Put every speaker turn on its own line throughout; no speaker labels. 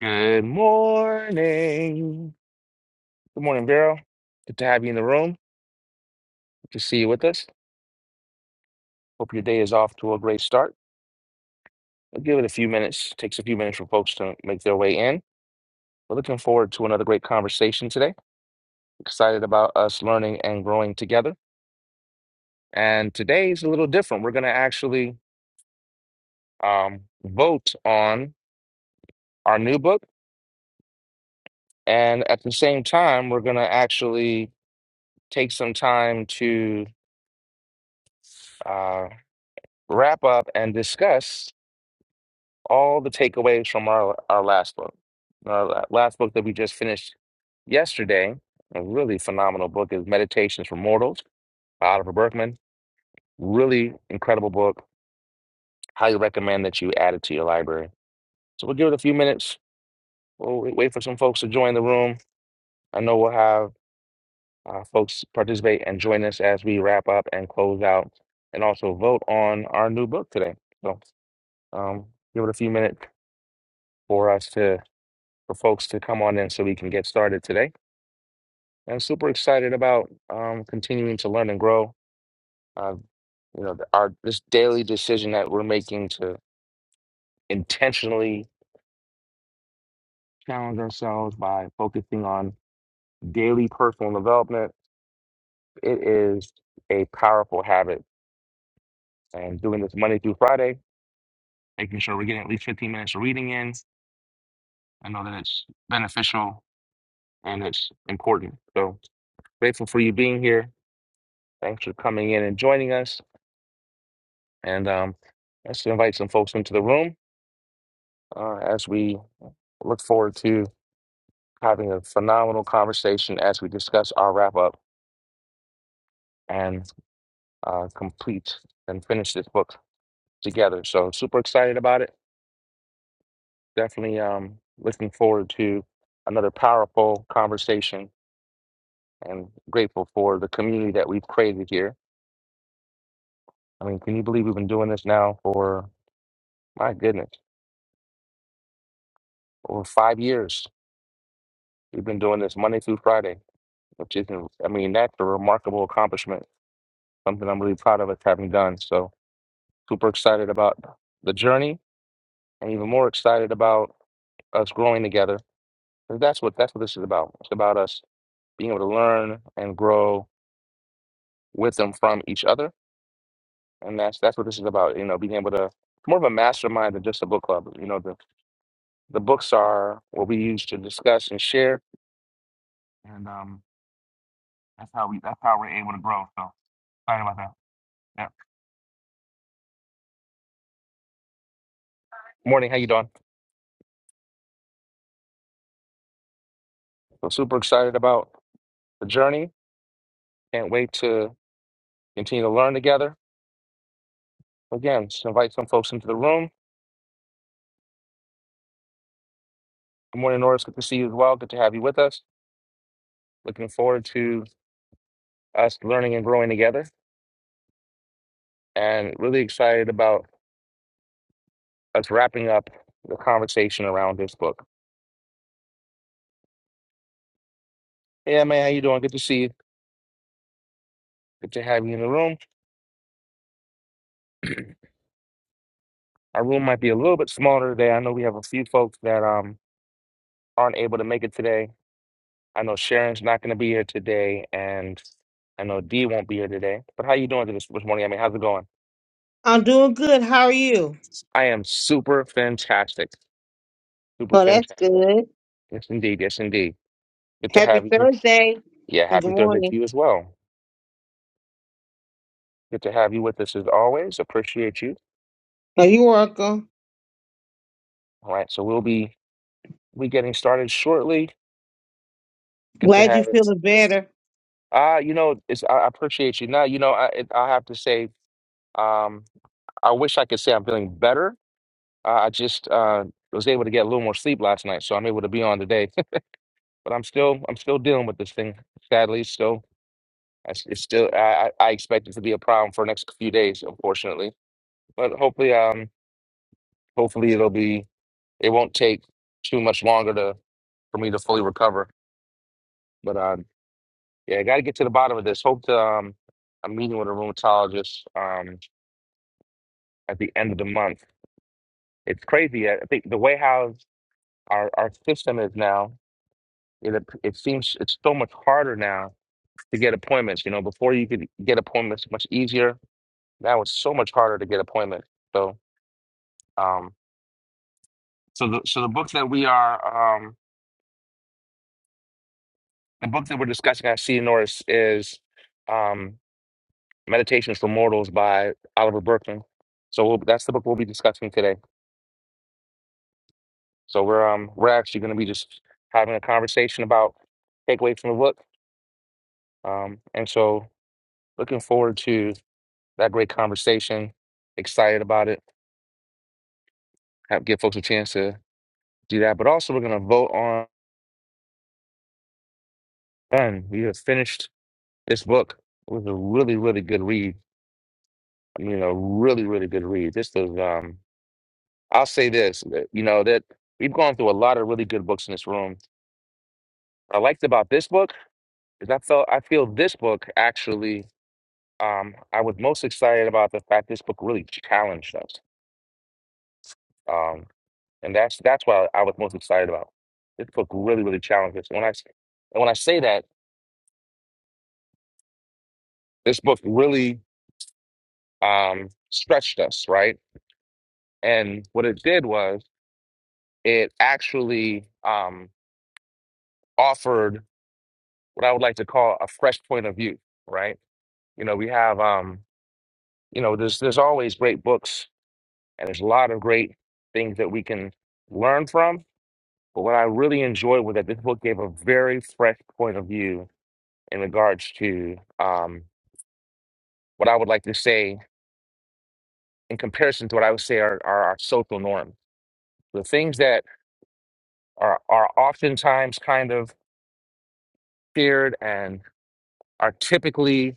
Good morning. Good morning, Vero. Good to have you in the room. Good to see you with us. Hope your day is off to a great start. I'll give it a few minutes. Takes a few minutes for folks to make their way in. We're looking forward to another great conversation today. Excited about us learning and growing together. And today is a little different. We're going to actually um, vote on our new book. And at the same time, we're going to actually take some time to uh, wrap up and discuss all the takeaways from our, our last book. Our la- last book that we just finished yesterday, a really phenomenal book, is Meditations for Mortals by Oliver Berkman. Really incredible book. Highly recommend that you add it to your library. So we'll give it a few minutes. We'll wait wait for some folks to join the room. I know we'll have uh, folks participate and join us as we wrap up and close out and also vote on our new book today. So um, give it a few minutes for us to, for folks to come on in so we can get started today. I'm super excited about um, continuing to learn and grow. Uh, you know, the- our this daily decision that we're making to intentionally challenge ourselves by focusing on daily personal development, it is a powerful habit. And doing this Monday through Friday, making sure we're getting at least 15 minutes of reading in. I know that it's beneficial and it's important. So grateful for you being here. Thanks for coming in and joining us. And um, let's invite some folks into the room uh, as we Look forward to having a phenomenal conversation as we discuss our wrap up and uh, complete and finish this book together. So, super excited about it. Definitely um, looking forward to another powerful conversation and grateful for the community that we've created here. I mean, can you believe we've been doing this now for, my goodness, over five years? We've been doing this Monday through Friday, which isn't, I mean, that's a remarkable accomplishment, something I'm really proud of us having done. So, Super excited about the journey and even more excited about us growing together. And that's what that's what this is about. It's about us being able to learn and grow with and from each other. And that's that's what this is about, you know, being able to more of a mastermind than just a book club. You know, the, the books are what we use to discuss and share. And um that's how we that's how we're able to grow. So excited about that. Yeah. Morning, how you doing? So super excited about the journey. Can't wait to continue to learn together. Again, just invite some folks into the room Good morning, Norris. Good to see you as well. Good to have you with us. Looking forward to us learning and growing together, and really excited about us wrapping up the conversation around this book. Yeah, man, how you doing? Good to see you. Good to have you in the room. Our room might be a little bit smaller today. I know we have a few folks that um aren't able to make it today. I know Sharon's not going to be here today, and I know Dee won't be here today. But how you doing this this morning? I mean, how's it going?
I'm doing good. How are you?
I am super fantastic. Super
Oh, that's
fantastic.
good.
Yes, indeed. Yes, indeed. Good to have
Happy
you here.
Thursday
Yeah,
and good
happy Thursday to
morning.
you as well. Good to have you with us as always. Appreciate you.
Oh, you're welcome.
All right, so we'll be we getting started shortly. Good to
Glad you're
have it.
feeling better.
Uh, you know, it's I I appreciate you. Now, you know, I it- I have to say, um, I wish I could say I'm feeling better. Uh, I just uh was able to get a little more sleep last night, so I'm able to be on today. But I'm still I'm still dealing with this thing, sadly. So it's, it's still I I I expect it to be a problem for the next few days, unfortunately. But hopefully, um, hopefully it'll be. it won't take too much longer to for me to fully recover. But um, yeah, I got to get to the bottom of this. Hope to, um, I'm meeting with a rheumatologist um, at the end of the month. It's crazy. I I think the way how our our system is now, it ap- it seems it's so much harder now to get appointments. You know, before you could get appointments much easier. Now it's so much harder to get appointments. So um, so the so the book that we are um, the book that we're discussing at CNORS is. um, Meditations for Mortals by Oliver Berkman. So we'll, that's the book we'll be discussing today. So we're um we're actually going to be just having a conversation about takeaways from the book. Um, and so looking forward to that great conversation. Excited about it. Have, give folks a chance to do that. But also we're going to vote on done. We have finished this book. It was a really really good read. You know, really really good read. This was um. I'll say this. that, You know that we've gone through a lot of really good books in this room I liked about this book is I felt I feel this book actually um I was most excited about the fact this book really challenged us. Um and that's that's what I was most excited about. This book really, really challenged us. And when I s- and when I say that, this book really um stretched us, right? And what it did was it actually um offered what I would like to call a fresh point of view, right? You know, we have um, you know, there's there's always great books And there's a lot of great things that we can learn from. But what I really enjoyed was that this book gave a very fresh point of view in regards to um, what I would like to say in comparison to what I would say are, are our social norms. The things that are, are oftentimes kind of feared and are typically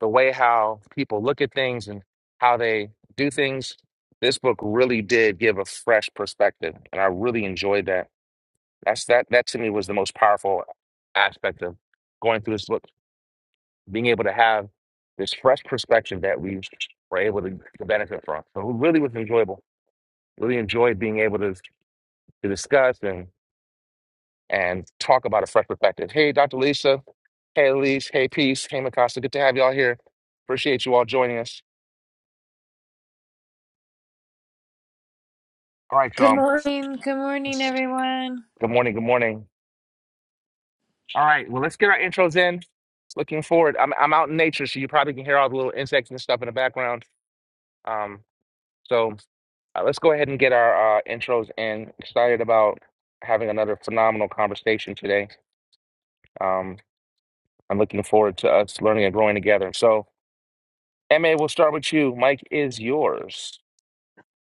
the way how people look at things and how they do things. This book really did give a fresh perspective, and I really enjoyed that. That's that that to me was the most powerful aspect of going through this book, being able to have this fresh perspective that we were able to, to benefit from. So it really was enjoyable. Really enjoyed being able to to discuss and and talk about a fresh perspective. Hey, Dr. Lisa. Hey, Elise. Hey, Peace. Hey, Mikasa. Good to have y'all here. Appreciate you all joining us. All right,
Good
y'all.
morning. Good morning, everyone.
Good morning. Good morning. All right. Well, let's get our intros in. Looking forward. I'm I'm out in nature, so you probably can hear all the little insects and stuff in the background. Um, so Uh, let's go ahead and get our uh, intros in. Excited about having another phenomenal conversation today. Um, I'm looking forward to us learning and growing together. So, MA, we'll start with you. Mike is yours.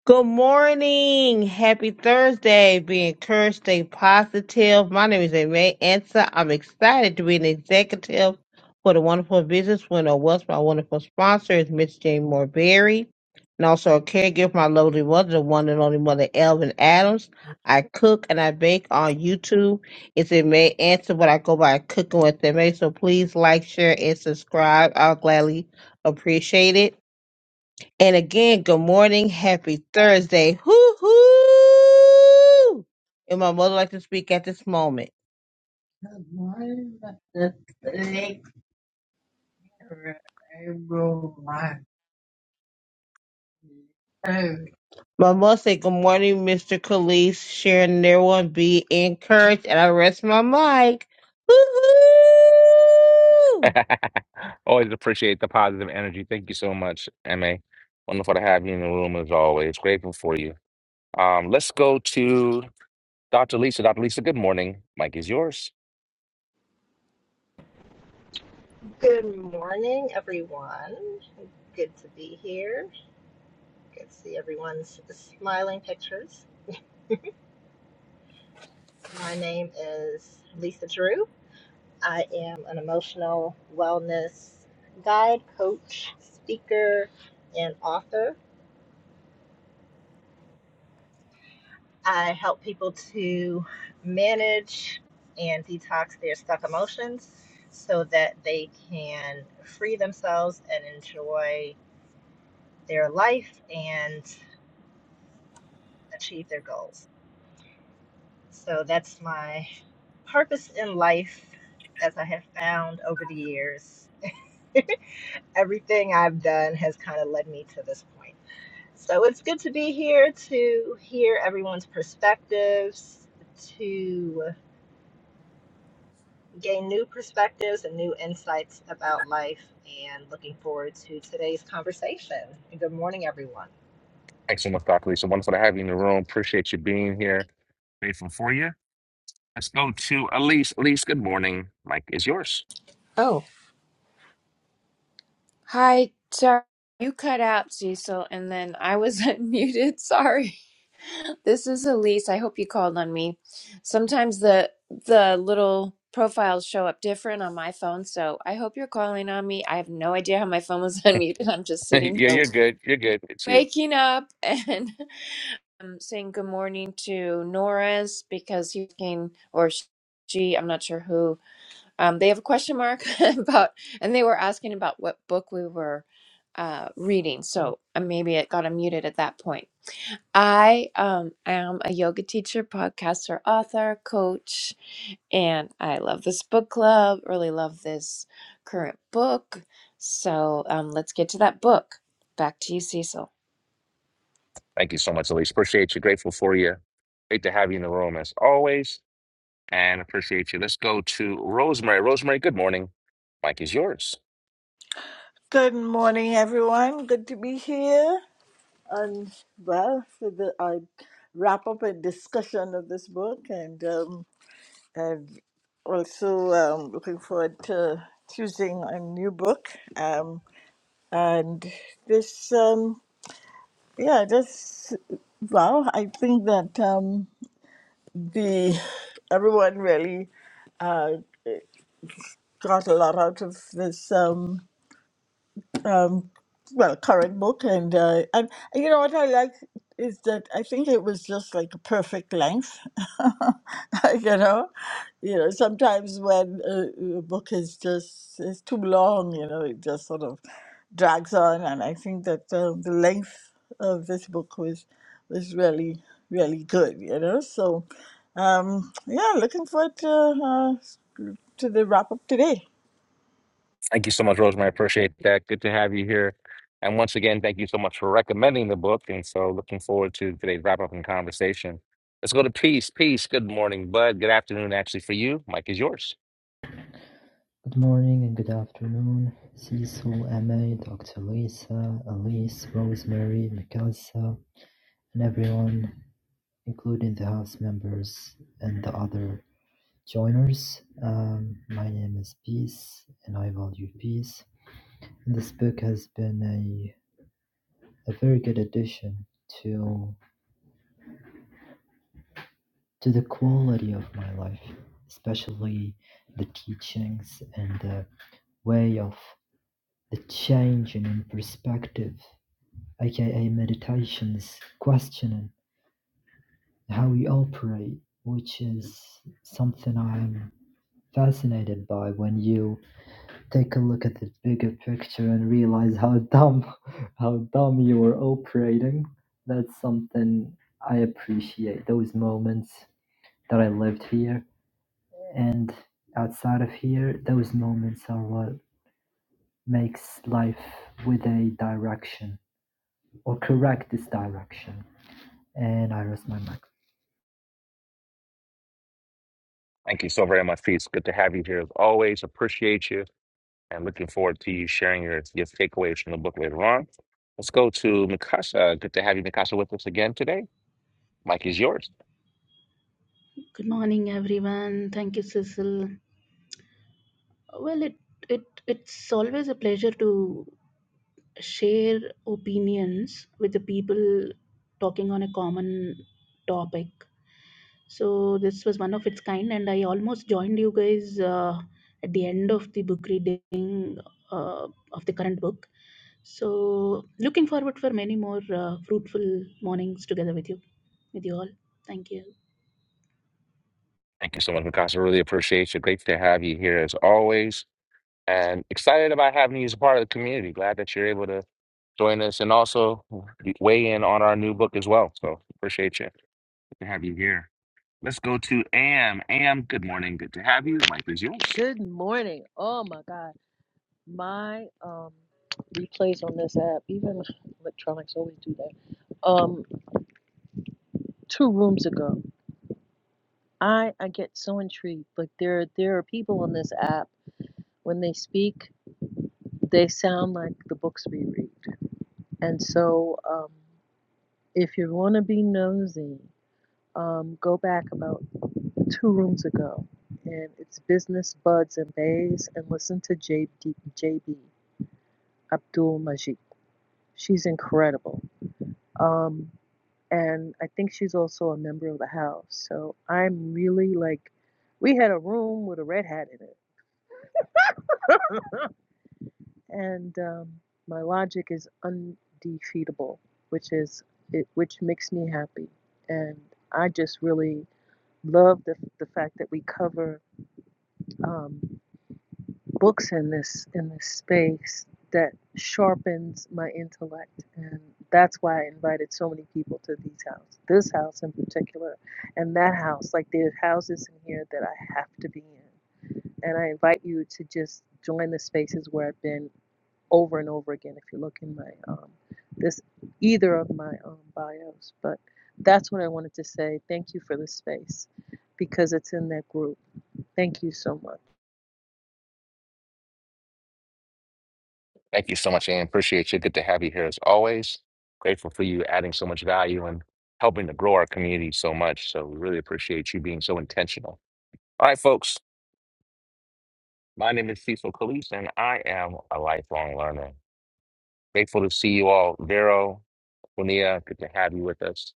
Good morning. Happy Thursday. Be encouraged, stay positive. My name is Amy Ansa. I'm excited to be an executive for the wonderful business winner of West. My wonderful sponsor is Miss Jane Morberry. And also a caregiver for my lovely mother, the one and only mother Elvin Adams. I cook and I bake on YouTube. It's a May answer, but I go by cooking with May. So please like, share, and subscribe. I'll gladly appreciate it. And again, good morning. Happy Thursday. Hoo hoo. And my mother like to speak at this moment. Good morning, Mr. Baker. Everyone. Hey, My mother said, Good morning, Mr. Khalees. Sharon and everyone be encouraged. And I rest my mic. Hoo hoo.
always appreciate the positive energy. Thank you so much, MA. Wonderful to have you in the room as always. Grateful for you. Um, let's go to Dr. Lisa. Dr. Lisa, good morning. Mike is yours.
Good morning, everyone. Good to be here. Good to see everyone's smiling pictures. My name is Lisa Drew. I am an emotional wellness guide, coach, speaker, and author. I help people to manage and detox their stuck emotions so that they can free themselves and enjoy their life and achieve their goals. So that's my Purpose in life, as I have found over the years, everything I've done has kind of led me to this point. So it's good to be here to hear everyone's perspectives, to gain new perspectives and new insights about life, and looking forward to today's conversation. And good morning, everyone.
Thanks so much, Dr. Lisa. Wonderful to have you in the room. Appreciate you being here. Grateful for you. Let's go to Elise. Elise, good morning. Mike is yours.
Oh, Hi, sorry. You cut out, Cecil, and then I was unmuted. Sorry. This is Elise. I hope you called on me. Sometimes the the little profiles show up different on my phone, so I hope you're calling on me. I have no idea how my phone was unmuted. I'm just sitting
yeah,
here
you're good. You're good. It's you.
waking up and um, saying good morning to Norris because he can or she, I'm not sure who Um, they have a question mark about, and they were asking about what book we were uh, reading. So uh, maybe it got unmuted at that point. I um, am a yoga teacher, podcaster, author, coach, and I love this book club. Really love this current book. So um, let's get to that book. Back to you, Cecil.
Thank you so much, Elise. Appreciate you. Grateful for you. Great to have you in the room as always, and appreciate you. Let's go to Rosemary. Rosemary, good morning. Mike is yours.
Good morning, everyone. Good to be here. And well, for the I wrap up a discussion of this book, and um, I've also um, looking forward to choosing a new book. Um, and this, um, yeah, this. Well, I think that um, the everyone really uh, got a lot out of this. Um, um, well, current book, and uh, and and you know what I like is that I think it was just like a perfect length. you know, you know, sometimes when a, a book is just is too long, you know, it just sort of drags on, and I think that um, the length of this book was was really really good. You know, so um, yeah, looking forward to uh, to the wrap up today.
Thank you so much, Rosemary. Appreciate that. Good to have you here. And once again, thank you so much for recommending the book. And so, looking forward to today's wrap up and conversation. Let's go to Peace. Peace. Good morning, Bud. Good afternoon, actually, for you. Mike is yours.
Good morning and good afternoon, Cecil, Emma, Doctor Lisa, Alice, Rosemary, Mikasa, and everyone, including the house members and the other joiners. Um, my name is Peace, and I value peace. And this book has been a, a very good addition to to the quality of my life, especially the teachings and the way of the change in perspective aka meditations, questioning how we operate, which is something I'm fascinated by when you take a look at the bigger picture and realize how dumb how dumb you were operating. That's something I appreciate. Those moments that I lived here and outside of here, those moments are what makes life with a direction or correct this direction. And I rest my mic.
Thank you so very much, Peace. Good to have you here as always. Appreciate you and looking forward to you sharing your, your takeaways from the book later on. Let's go to Mikasa. Good to have you, Mikasa, with us again today. Mike is yours.
Good morning, everyone. Thank you, Cecil. Well, it it it's always a pleasure to share opinions with the people talking on a common topic. So this was one of its kind, and I almost joined you guys uh, at the end of the book reading uh, of the current book. So looking forward for many more uh, fruitful mornings together with you, with you all. Thank you.
Thank you so much, Mikasa. Really appreciate you. Great to have you here as always. And excited about having you as a part of the community. Glad that you're able to join us and also weigh in on our new book as well. So appreciate you. Good to have you here. Let's go to Am. Am, good morning. Good to have you. Mike is yours.
Good morning. Oh my God. My um replays on this app, even electronics always do that. Um, two rooms ago. I, I get so intrigued. Like there there are people on this app when they speak, they sound like the books we read. And so um if you wanna be nosy, um go back about two rooms ago and it's business buds and bays and listen to JB JB Abdul Majid. She's incredible Um, and I think she's also a member of the house. So I'm really like, we had a room with a red hat in it, and um, my logic is undefeatable, which is it, which makes me happy. And I just really love the the fact that we cover. Um, books in this in this space that sharpens my intellect and that's why I invited so many people to these houses this house in particular and that house like there's houses in here that I have to be in and I invite you to just join the spaces where I've been over and over again if you look in my um this either of my um bios but that's what I wanted to say thank you for this space because it's in that group thank you so much
Thank you so much, Ann. Appreciate you. Good to have you here as always. Grateful for you adding so much value and helping to grow our community so much. So we really appreciate you being so intentional. All right, folks. My name is Cecil Calise, and I am a lifelong learner. Grateful to see you all. Vero, Bonilla, good to have you with us.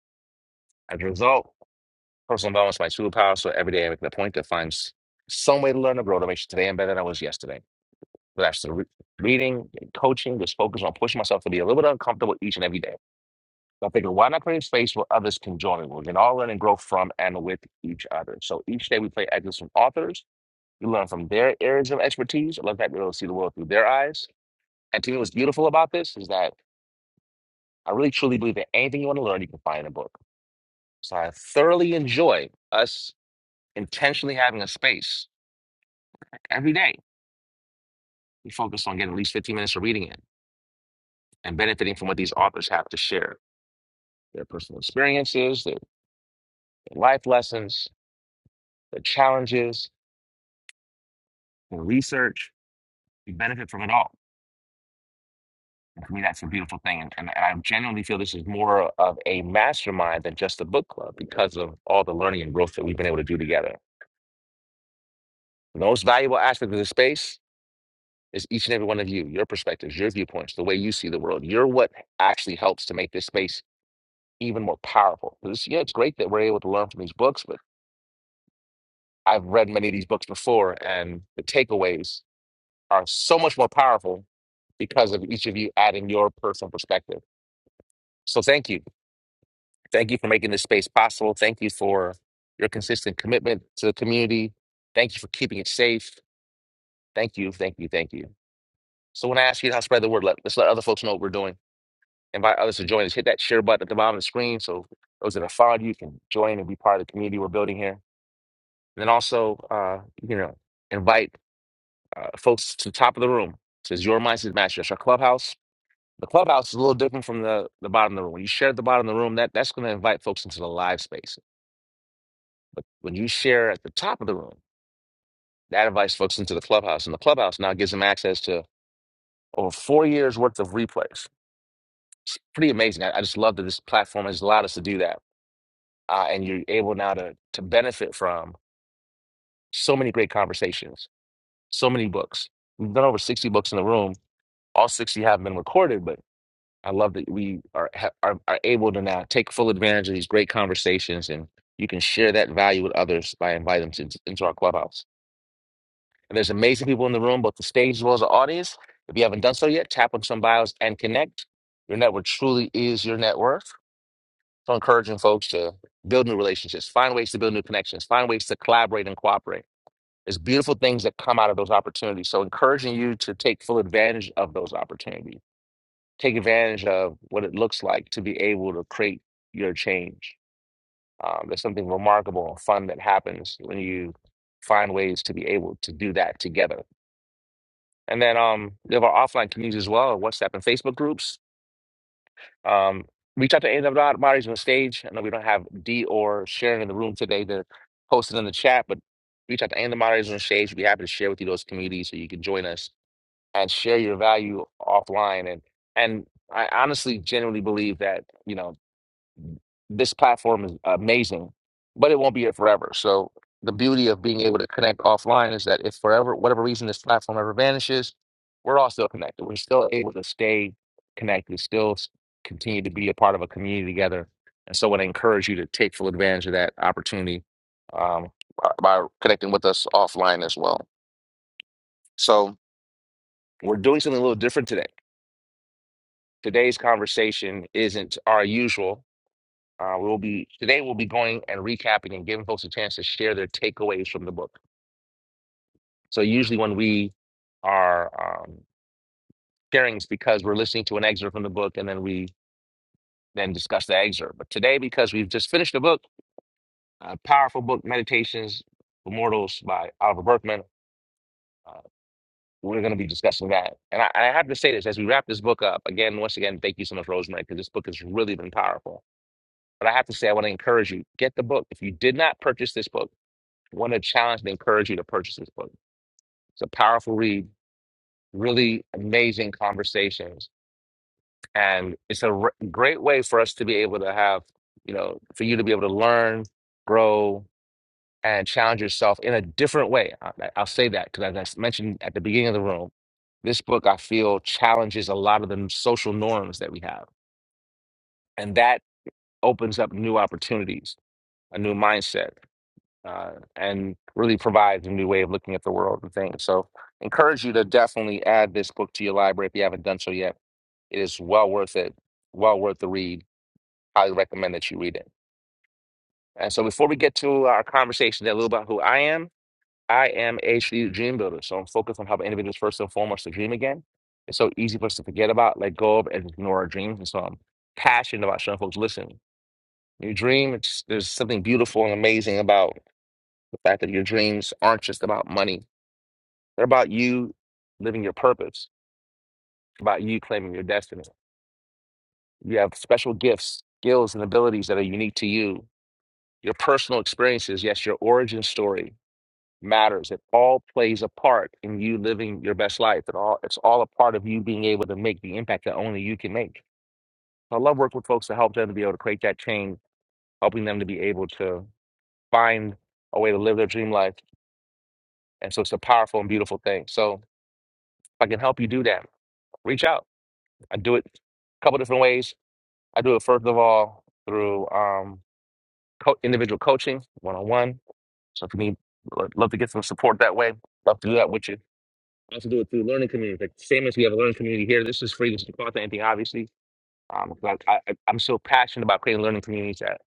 As a result, personal development is my superpower. So every day I make it a point to find s- some way to learn and grow to make sure today I'm better than I was yesterday. But that's the re- reading, coaching, just focus on pushing myself to be a little bit uncomfortable each and every day. So I figured, why not create a space where others can join me? We can all learn and grow from and with each other. So each day we play excerpts from authors. We learn from their areas of expertise. I love that we're able to see the world through their eyes. And to me, what's beautiful about this is that I really truly believe that anything you want to learn, you can find in a book. So I thoroughly enjoy us intentionally having a space every day. We focus on getting at least 15 minutes of reading it and benefiting from what these authors have to share their personal experiences, their life lessons, their challenges, their research We benefit from it all. And to me, that's a beautiful thing. And, and, I genuinely feel this is more of a mastermind than just a book club because of all the learning and growth that we've been able to do together. The most valuable aspect of this space is each and every one of you, your perspectives, your viewpoints, the way you see the world. You're what actually helps to make this space even more powerful. it's- yeah, it's great that we're able to learn from these books, but I've read many of these books before, and the takeaways are so much more powerful because of each of you adding your personal perspective. So thank you. Thank you for making this space possible. Thank you for your consistent commitment to the community. Thank you for keeping it safe. Thank you, thank you, thank you. So when I ask you how to spread the word, let, let's let other folks know what we're doing. Invite others to join us. Hit that share button at the bottom of the screen so those that are followed you can join and be part of the community we're building here. And then also, uh, you know, invite uh, folks to the top of the room. It says your mindset master. That's our clubhouse. The clubhouse is a little different from the, the bottom of the room. When you share at the bottom of the room, that, that's going to invite folks into the live space. But when you share at the top of the room, that advice folks into the clubhouse, and the clubhouse now gives them access to over four years worth of replays. It's pretty amazing. I, I just love that this platform has allowed us to do that, uh, and you're able now to to benefit from so many great conversations, so many books. We've done over sixty books in the room. All sixty have been recorded, but I love that we are ha- are, are able to now take full advantage of these great conversations, and you can share that value with others by inviting them to, into our clubhouse. And there's amazing people in the room, both the stage as well as the audience. If you haven't done so yet, tap on some bios and connect. Your network truly is your net worth. So encouraging folks to build new relationships, find ways to build new connections, find ways to collaborate and cooperate. There's beautiful things that come out of those opportunities. So encouraging you to take full advantage of those opportunities. Take advantage of what it looks like to be able to create your change. Um, there's something remarkable and fun that happens when you find ways to be able to do that together And then um, we have our offline communities as well, WhatsApp and Facebook groups. Um, reach out to any of the bodies on the stage. I know we don't have D or Sharon in the room today to post it in the chat, but reach out to any of the moderators on the stage. We'd be happy to share with you those communities so you can join us and share your value offline. And and I honestly, genuinely believe that you know this platform is amazing, but it won't be it forever. So the beauty of being able to connect offline is that if forever, whatever reason this platform ever vanishes, we're all still connected. We're still able to stay connected, still s- continue to be a part of a community together. And so I would encourage you to take full advantage of that opportunity um, by by connecting with us offline as well. So we're doing something a little different today. Today's conversation isn't our usual. Uh, we'll be today. We'll be going and recapping and giving folks a chance to share their takeaways from the book. So usually when we are um, sharing, it's because we're listening to an excerpt from the book, and then we then discuss the excerpt. But today, because we've just finished the book, a powerful book, Meditations for Mortals" by Oliver Berkman, uh, we're going to be discussing that. And I, I have to say this as we wrap this book up again. Once again, thank you so much, Rosemary, because this book has really been powerful. But I have to say, I want to encourage you: get the book. If you did not purchase this book want to challenge and encourage you to purchase this book. It's a powerful read, really amazing conversations, and it's a r- great way for us to be able to have, you know, for you to be able to learn, grow, and challenge yourself in a different way. I, I'll say that because, as I s- mentioned at the beginning of the room, this book I feel challenges a lot of the social norms that we have, and that opens up new opportunities, a new mindset uh, and really provides a new way of looking at the world and things. So, encourage you to definitely add this book to your library if you haven't done so yet. It is well worth it, well worth the read. Highly recommend that you read it. And so, before we get to our conversation, a little about who I am. I am a strategic dream builder, so I'm focused on helping individuals first and foremost to dream again. It's so easy for us to forget about, let go of, and ignore our dreams. And so, I'm passionate about showing folks, listen. you dream, it's, there's something beautiful and amazing about the fact that your dreams aren't just about money They're about you living your purpose, about you claiming your destiny. You have special gifts, skills, and abilities that are unique to you. Your personal experiences, yes, your origin story matters. It all plays a part in you living your best life. It all it's all a part of you being able to make the impact that only you can make. So, I love working with folks to help them to be able to create that change, helping them to be able to find a way to live their dream life. And so it's a powerful and beautiful thing. So if I can help you do that, reach out. I do it a couple different ways. I do it first of all through um, co- individual coaching, one on one. So if you need, lo- love to get some support that way, love to do that with you. I also do it through learning communities. Like same as we have a learning community here. This is free. This is cost anything, obviously. Um, 'cause I, I, I'm so passionate about creating learning communities that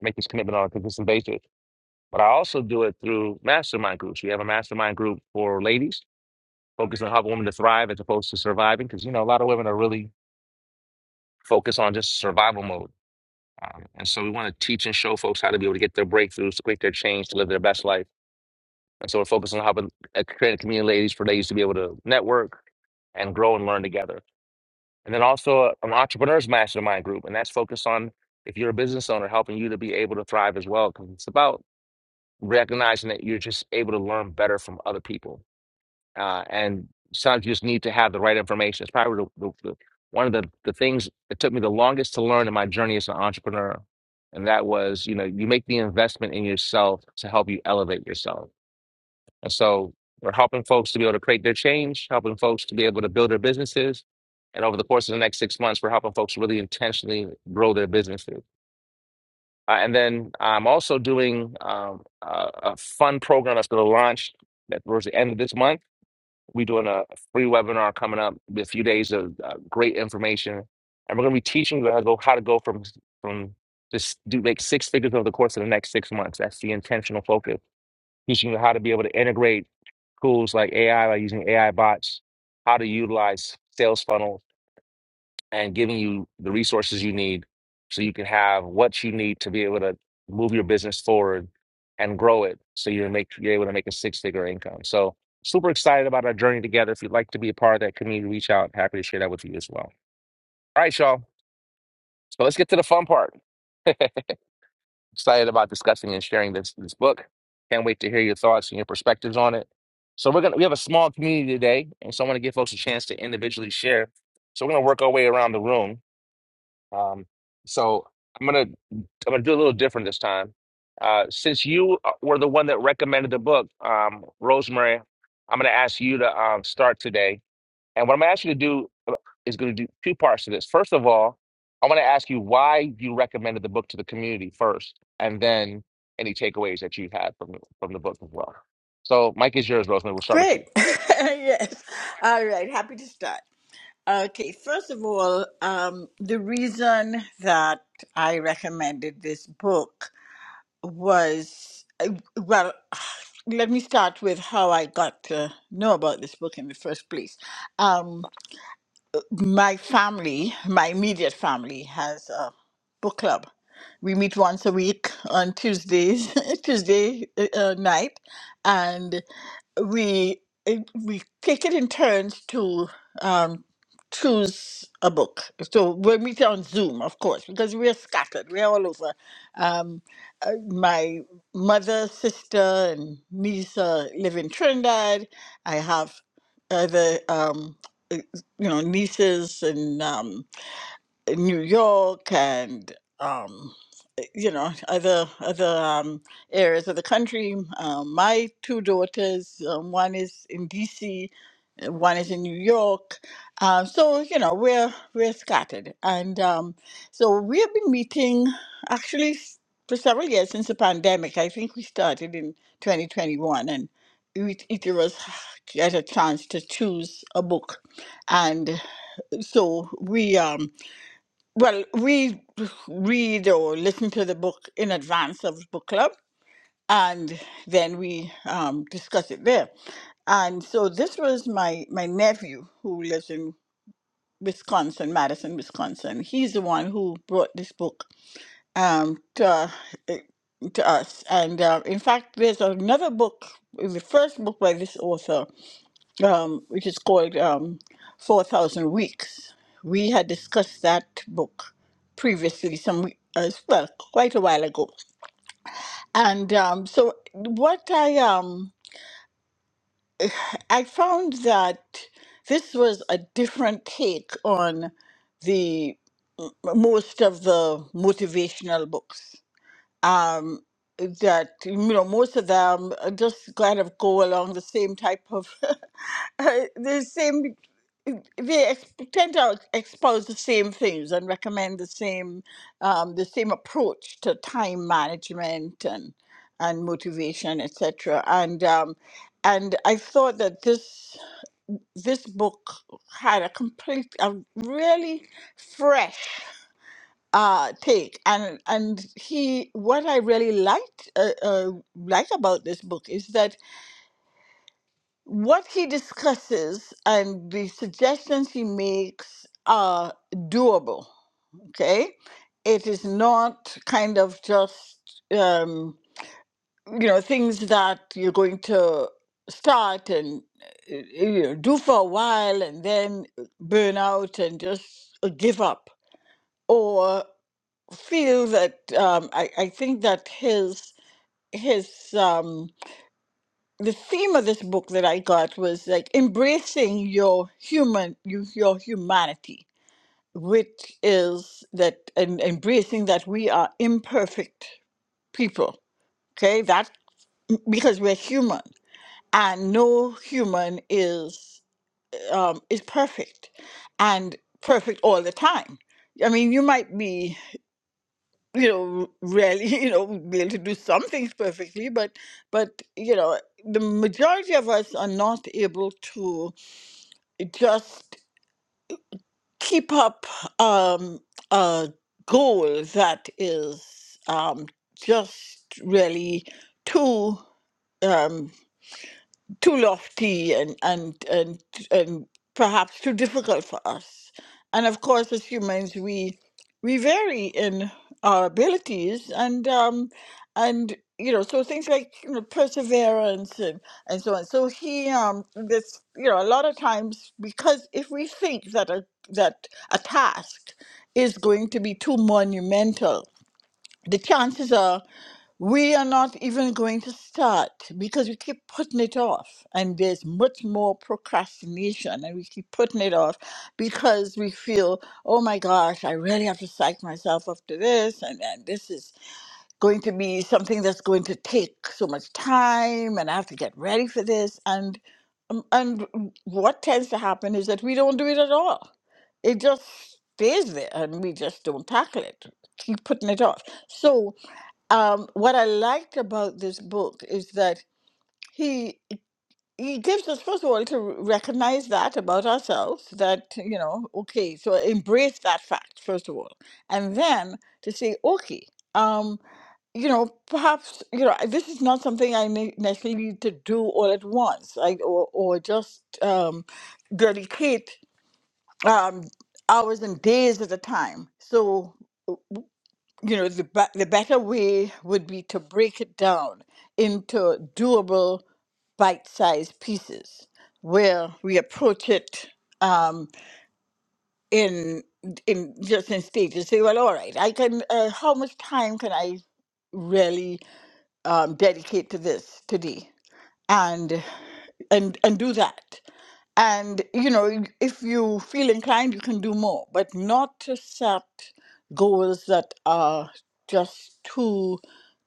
make this commitment on a consistent basis. But I also do it through mastermind groups. We have a mastermind group for ladies focused on helping women to thrive as opposed to surviving, because you know a lot of women are really focused on just survival mode Um, and so we want to teach and show folks how to be able to get their breakthroughs, to create their change, to live their best life. And so we're focusing on how to uh, create a community of ladies for ladies to be able to network and grow and learn together. And then also uh, an entrepreneurs mastermind group, and that's focused on if you're a business owner, helping you to be able to thrive as well. Because it's about recognizing that you're just able to learn better from other people uh, and sometimes you just need to have the right information. It's probably the, the, the, one of the, the things that took me the longest to learn in my journey as an entrepreneur. And that was, you know, you make the investment in yourself to help you elevate yourself. And so we're helping folks to be able to create their change, helping folks to be able to build their businesses. And over the course of the next six months, we're helping folks really intentionally grow their businesses. Uh, and then I'm also doing um, a, a fun program that's going to launch that towards the end of this month we're doing a free webinar coming up with a few days of uh, great information, and we're going to be teaching you how to go how to go from from just do make six figures over the course of the next six months. That's the intentional focus. Teaching you how to be able to integrate tools like AI, like using AI bots, how to utilize sales funnels and giving you the resources you need so you can have what you need to be able to move your business forward and grow it so you are make you're able to make a six figure income. So super excited about our journey together. If you'd like to be a part of that community, reach out. Happy to share that with you as well. All right, y'all. So let's get to the fun part. excited about discussing and sharing this this book. Can't wait to hear your thoughts and your perspectives on it. So we're gonna we have a small community today, and so I want to give folks a chance to individually share. So we're gonna work our way around the room Um, so I'm gonna I'm gonna do a little different this time. Uh, since you uh, were the one that recommended the book, um, Rosemary, I'm gonna ask you to um, start today. And what I'm gonna ask you to do uh, is gonna do two parts to this. First of all, I want to ask you why you recommended the book to the community first, and then any takeaways that you had from from the book as well. So, Mike is yours, Rosemary. We'll start with
Great.
you.
yes. All right. Happy to start. Okay. First of all, um, the reason that I recommended this book was uh, well, let me start with how I got to know about this book in the first place. Um, my family, my immediate family, has a book club. We meet once a week on Tuesdays, Tuesday uh, uh, night, and we it- we take it in turns to um, choose a book. So we'll meet on Zoom, of course, because we're scattered. We're all over. Um, uh, my mother, sister, and niece uh, live in Trinidad. I have other, um, uh, you know, nieces in um, in New York and. Um, you know other other um, areas of the country. Um, my two daughters, um, one is in D.C., uh, one is in New York. Uh, so you know we're we're scattered, and um, so we have been meeting actually s- for several years since the pandemic. I think we started in 2021, and each, each of us get a chance to choose a book, and so we um well, we read or listen to the book in advance of book club, and then we um, discuss it there. And so this was my my nephew who lives in Wisconsin, Madison, Wisconsin. He's the one who brought this book um, to uh, eh, to us. And uh, in fact, there's another book, the first book by this author um, which is called um, 4,000 Weeks. We had discussed that book previously, some we- as well, quite a while ago. And um, so, what I um, I found that this was a different take on the m- most of the motivational books um, that you know most of them uh, just kind of go along the same type of uh, the same uh, they ex- tend to expose the same things and recommend the same um, the same approach to time management and and motivation etc and um, and I thought that this this book had a complete a really fresh uh, take. And and he, what I really liked uh, uh, like about this book is that what he discusses and the suggestions he makes are doable. Okay, it is not kind of just um, you know things that you're going to start and uh, you know, do for a while and then burn out and just uh, give up or. feel that um, I, I think that his his um, the theme of this book that I got was like embracing your human you, your humanity, which is that and embracing that we are imperfect people. Okay, that because we're human and no human is um, is perfect and perfect all the time. I mean, you might be. you know rarely you know be able to do some things perfectly but but you know the majority of us are not able to just keep up um a goal that is um just really too um too lofty and and and and perhaps too difficult for us. And of course, as humans, we we vary in our abilities and um, and you know so things like you know, perseverance and and so on. So he um, this you know a lot of times because if we think that a that a task is going to be too monumental, the chances are we are not even going to start because we keep putting it off and there's much more procrastination and we keep putting it off because we feel oh my gosh i really have to psych myself up to this and, and this is going to be something that's going to take so much time and i have to get ready for this and um, and what tends to happen is that we don't do it at all it just stays there and we just don't tackle it keep putting it off so um, what I liked about this book is that he he gives us first of all to recognize that about ourselves that you know okay so embrace that fact first of all and then to say okay um you know perhaps you know this is not something i ne- necessarily need to do all at once like or, or just um dedicate um hours and days at a time so you know the ba- the better way would be to break it down into doable bite-sized pieces where we approach it um, in in just in stages say well all right i can uh, how much time can i really um, dedicate to this today and and and do that and you know if you feel inclined you can do more but not to set goals that are just too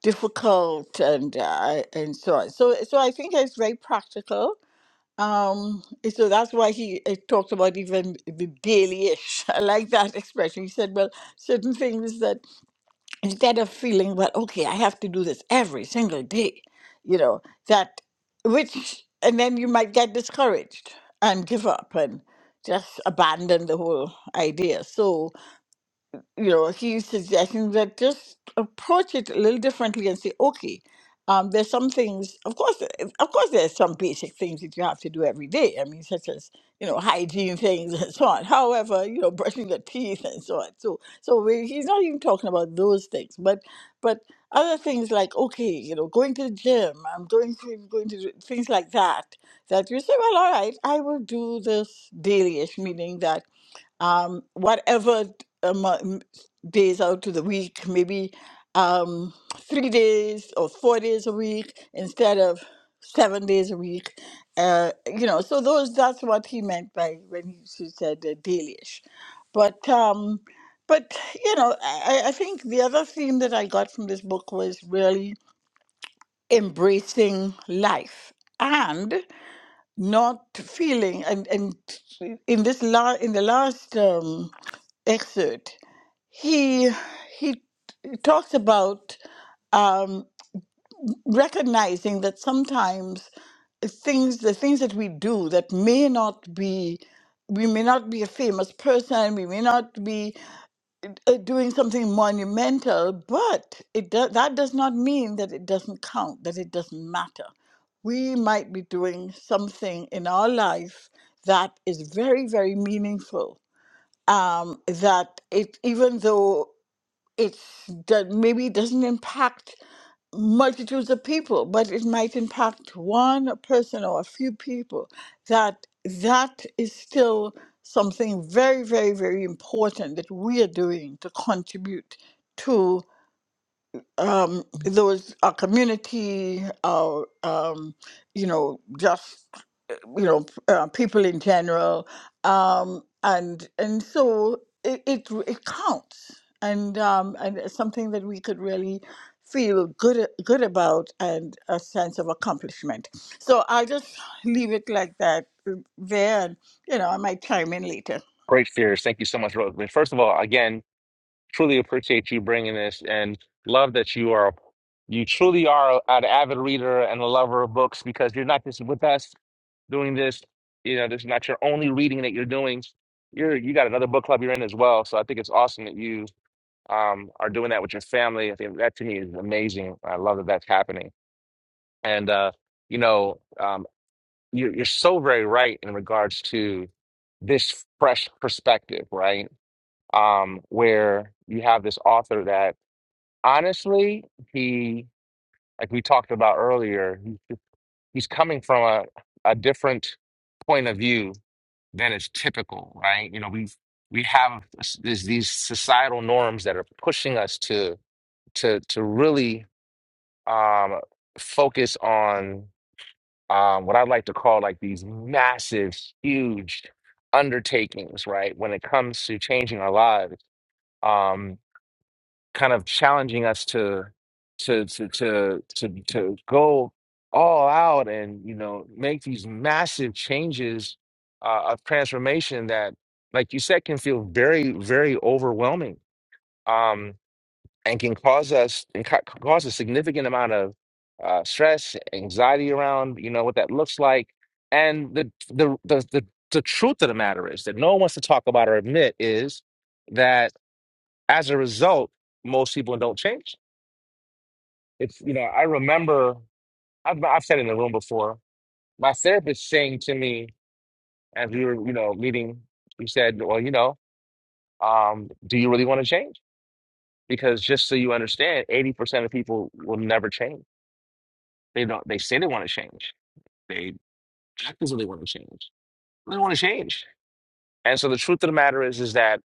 difficult and uh, and so on so so i think it's very practical um and so that's why he uh, talked about even the daily-ish i like that expression he said well certain things that instead of feeling well okay i have to do this every single day you know that which and then you might get discouraged and give up and just abandon the whole idea so you know, he's suggesting that just approach it a little differently and say, okay, um, there's some things. Of course, of course, there's some basic things that you have to do every day. I mean, such as you know, hygiene things and so on. However, you know, brushing your teeth and so on. So, so we, he's not even talking about those things, but but other things like okay, you know, going to the gym. I'm going to going to do things like that. That you say, well, all right, I will do this dailyish, meaning that um, whatever um, uh, m- days out of the week, maybe um, three days or four days a week instead of seven days a week. Uh, you know, so those that's what he meant by when he s- said uh, dailyish. But um, but you know, I, I I think the other theme that I got from this book was really embracing life not feeling and and in this la- in the last um, excerpt he he talks about um, recognizing that sometimes things the things that we do that may not be we may not be a famous person we may not be uh, doing something monumental, but it do- that does not mean that it doesn't count, that it doesn't matter. We might be doing something in our life that is very, very meaningful. Um, that it, even though it's that maybe it doesn't impact multitudes of people, but it might impact one person or a few people. That that is still something very, very, very important that we are doing to contribute to um, those our community, our um, you know, just you know p- uh, people in general um and and so it it, it counts and um and it's something that we could really feel good a- good about and a sense of accomplishment so i'll just leave it like that uh, there and you know i might chime in later
Great fears. Thank you so much, Rosemary. First of all, again, truly appreciate you bringing this and love that you are you truly are an avid reader and a lover of books because you're not just with us doing this you know this is not your only reading that you're doing you're you got another book club you're in as well so i think it's awesome that you um are doing that with your family i think that to me is amazing i love that that's happening and uh you know um you're, you're so very right in regards to this fresh perspective right um where you have this author that honestly, he, like we talked about earlier, he- he's coming from a, a different point of view than is typical, right? You know, we we have s- these these societal norms that are pushing us to to to really um, focus on um, what I'd like to call like these massive, huge undertakings, right? When it comes to changing our lives. Um, kind of challenging us to to to to to, to go all out and you know make these massive changes uh, of transformation that like you said can feel very very overwhelming um and can cause us and ca- cause a significant amount of uh, stress anxiety around you know what that looks like and the the the, the the truth of the matter is that no one wants to talk about or admit is that as a result most people don't change it's, you know, I remember, I've, I've said in the room before, my therapist saying to me as we were, you know, meeting, he said, well, you know, um, do you really want to change? Because just so you understand, 80% of people will never change. They don't, they say they want to change. They act as though they want to change. They don't want to change. And so the truth of the matter is, is that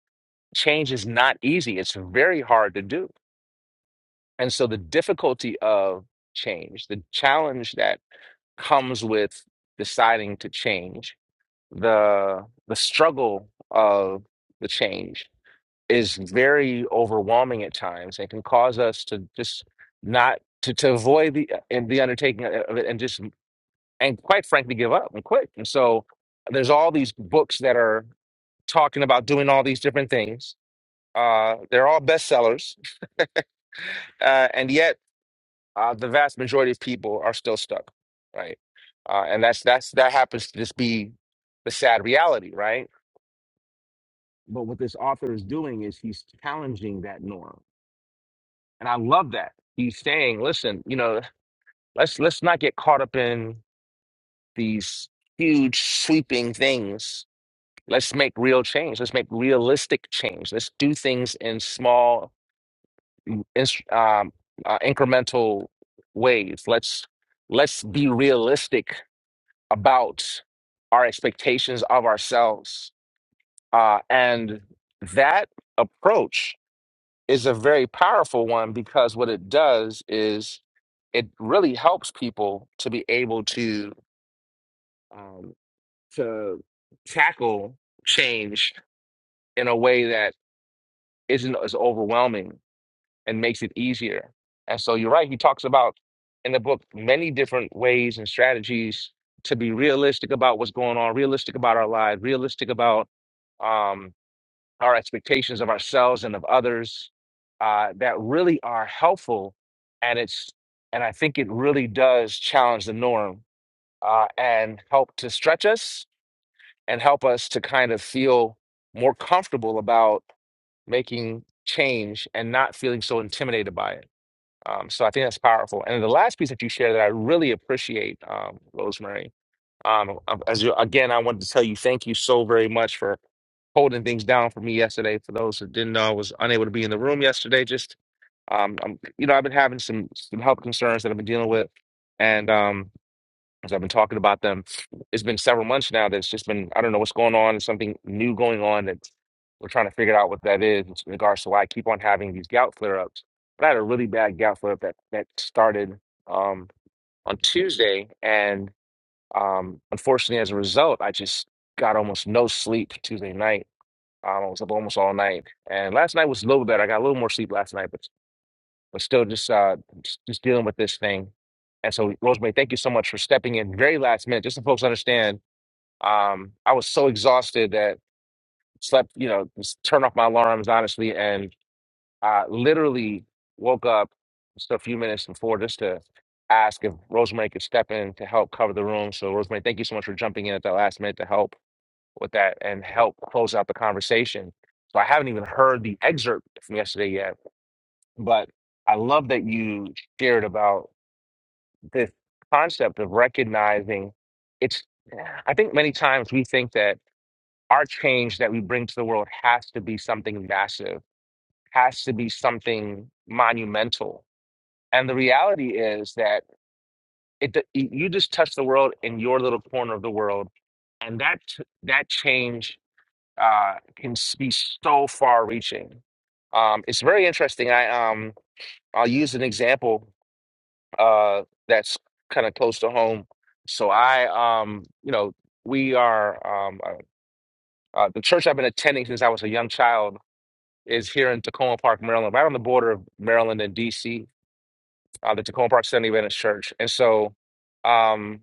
change is not easy. It's very hard to do. And so the difficulty of change, the challenge that comes with deciding to change the the struggle of the change is very overwhelming at times and can cause us to just not to, to avoid the and the undertaking of it and just and quite frankly give up and quit. And so there's all these books that are talking about doing all these different things. Uh, they're all bestsellers, uh, and yet uh, the vast majority of people are still stuck, right? Uh, and that's that's that happens to just be the sad reality, right? But what this author is doing is he's challenging that norm. And I love that. He's saying, listen, you know, let's let's not get caught up in these huge sweeping things. Let's make real change. Let's make realistic change. Let's do things in small ins- um, uh, incremental ways. Let's let's be realistic about our expectations of ourselves. Uh, and that approach is a very powerful one because what it does is it really helps people to be able to um, to tackle change in a way that isn't as overwhelming and makes it easier. And so you're right. He talks about in the book many different ways and strategies to be realistic about what's going on, realistic about our lives, realistic about um, our expectations of ourselves and of others uh, that really are helpful and it's and i think it really does challenge the norm uh, and help to stretch us and help us to kind of feel more comfortable about making change and not feeling so intimidated by it um, so i think that's powerful and the last piece that you shared that i really appreciate um, rosemary um, as you, again i wanted to tell you thank you so very much for holding things down for me yesterday. For those who didn't know, I was unable to be in the room yesterday. Just um, I'm, you know, I've been having some some health concerns that I've been dealing with, and um, as I've been talking about them, it's been several months now. That's just been I don't know what's going on. There's something new going on that we're trying to figure out what that is in regards to why I keep on having these gout flare ups. But I had a really bad gout flare up that that started um, on Tuesday, and um, unfortunately, as a result, I just got almost no sleep Tuesday night um, I was up almost all night, and last night was a little better. I got a little more sleep last night, but but still just uh just, just dealing with this thing. And so, Rosemary, thank you so much for stepping in very last minute. Just so folks understand, um, I was so exhausted that slept, you know, just turned off my alarms honestly, and uh, literally woke up just a few minutes before just to ask if Rosemary could step in to help cover the room. So, Rosemary, thank you so much for jumping in at the last minute to help with that and help close out the conversation. So I haven't even heard the excerpt from yesterday yet, but I love that you shared about this concept of recognizing it's. I think many times we think that our change that we bring to the world has to be something massive, has to be something monumental. And the reality is that it you just touch the world in your little corner of the world, and that that change uh, can s- be so far reaching. Um, it's very interesting. I um, I'll use an example uh, that's kind of close to home. So I um, you know, we are um, uh, uh, the church I've been attending since I was a young child is here in Tacoma Park, Maryland, right on the border of Maryland and DC, uh, the Tacoma Park Seventh Adventist Church. And so um,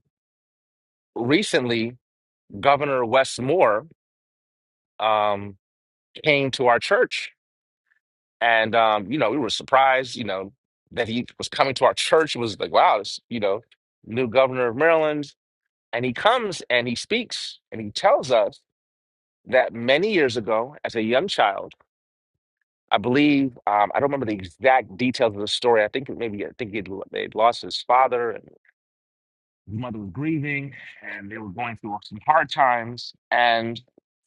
recently, Governor Wes Moore um, came to our church And um, you know, we were surprised, you know, that he was coming to our church. It was like, wow, this, you know, new governor of Maryland. And he comes and he speaks and he tells us that many years ago, as a young child, I believe um, I don't remember the exact details of the story. I think it maybe I think he'd, they'd lost his father, and his mother was grieving, and they were going through some hard times. And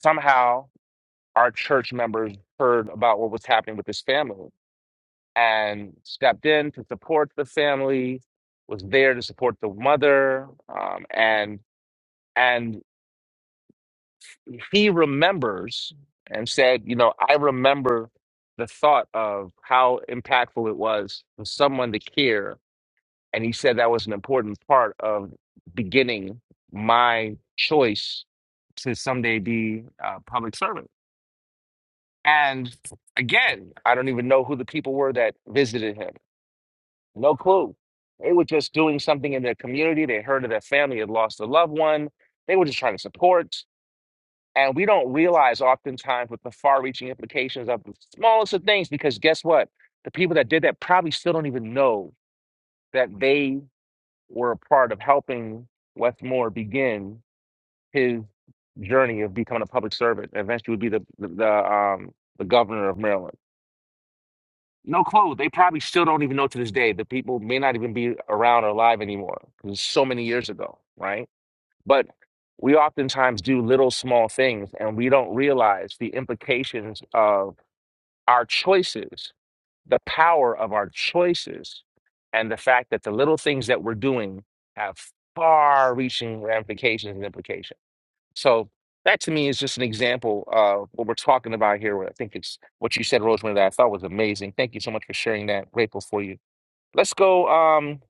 somehow, our church members heard about what was happening with his family and stepped in to support the family, was there to support the mother, um, and and he remembers and said, you know, I remember the thought of how impactful it was for someone to care, and he said that was an important part of beginning my choice to someday be a public servant. And again, I don't even know who the people were that visited him. No clue. They were just doing something in their community. They heard that their family had lost a loved one. They were just trying to support. And we don't realize oftentimes what the far reaching implications of the smallest of things, because guess what? The people that did that probably still don't even know that they were a part of helping Westmore begin his journey of becoming a public servant. Eventually would be the, the, the, um, the governor of Maryland. No clue. They probably still don't even know to this day. The people may not even be around or alive anymore because it's so many years ago, right? But we oftentimes do little small things and we don't realize the implications of our choices, the power of our choices, and the fact that the little things that we're doing have far reaching ramifications and implications. So that to me is just an example of what we're talking about here. I think it's what you said, Rosemary, that I thought was amazing. Thank you so much for sharing that. Grateful for you. Let's go. Um,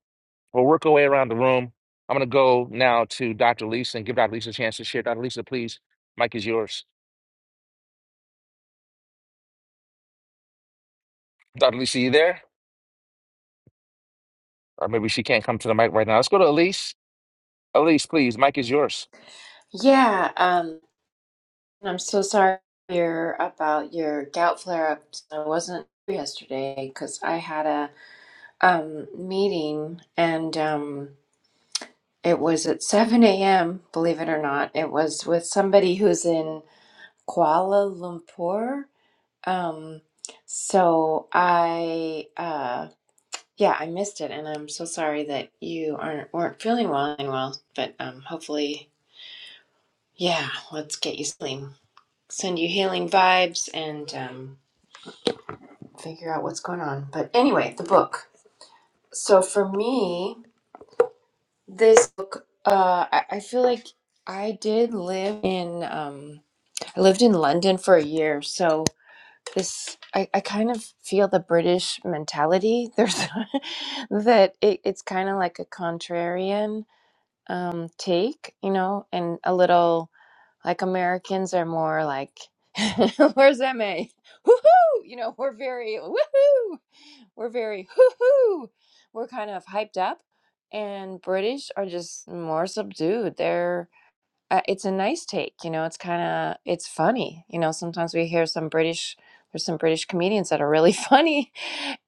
we'll work our way around the room. I'm going to go now to Dr. Lisa and give Dr. Lisa a chance to share. Dr. Lisa, please, mic is yours. Dr. Lisa, you there? Or maybe she can't come to the mic right now. Let's go to Elise. Elise, please, mic is yours.
Yeah, um, I'm so sorry to hear about your gout flare up. I wasn't here yesterday because I had a um, meeting, and um, it was at 7 a.m., believe it or not. It was with somebody who's in Kuala Lumpur. Um, so I, uh, yeah, I missed it, and I'm so sorry that you aren't weren't feeling well and well, but um, hopefully, yeah, let's get you healing, send you healing vibes, and um, figure out what's going on. But anyway, the book. So for me. This book, uh, I, I feel like I did live in, um, I lived in London for a year, so this, I, I kind of feel the British mentality. There's that it, it's kind of like a contrarian, um, take, you know, and a little like Americans are more like, where's MA? Woohoo! You know, we're very woohoo! We're very hoo-hoo. We're kind of hyped up, and British are just more subdued. They're uh, it's a nice take, you know. It's kind of it's funny, you know. Sometimes we hear some British there's some British comedians that are really funny,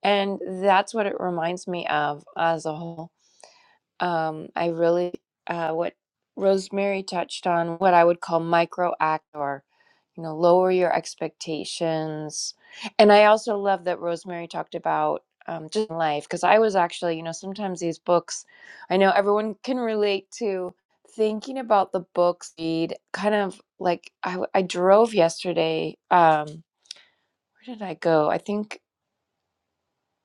and that's what it reminds me of as a whole. Um, I really, uh, what Rosemary touched on, what I would call micro act or, you know, lower your expectations. And I also love that Rosemary talked about um, just life because I was actually, you know, sometimes these books, I know everyone can relate to thinking about the books read kind of like I, w- I drove yesterday um where did i go i think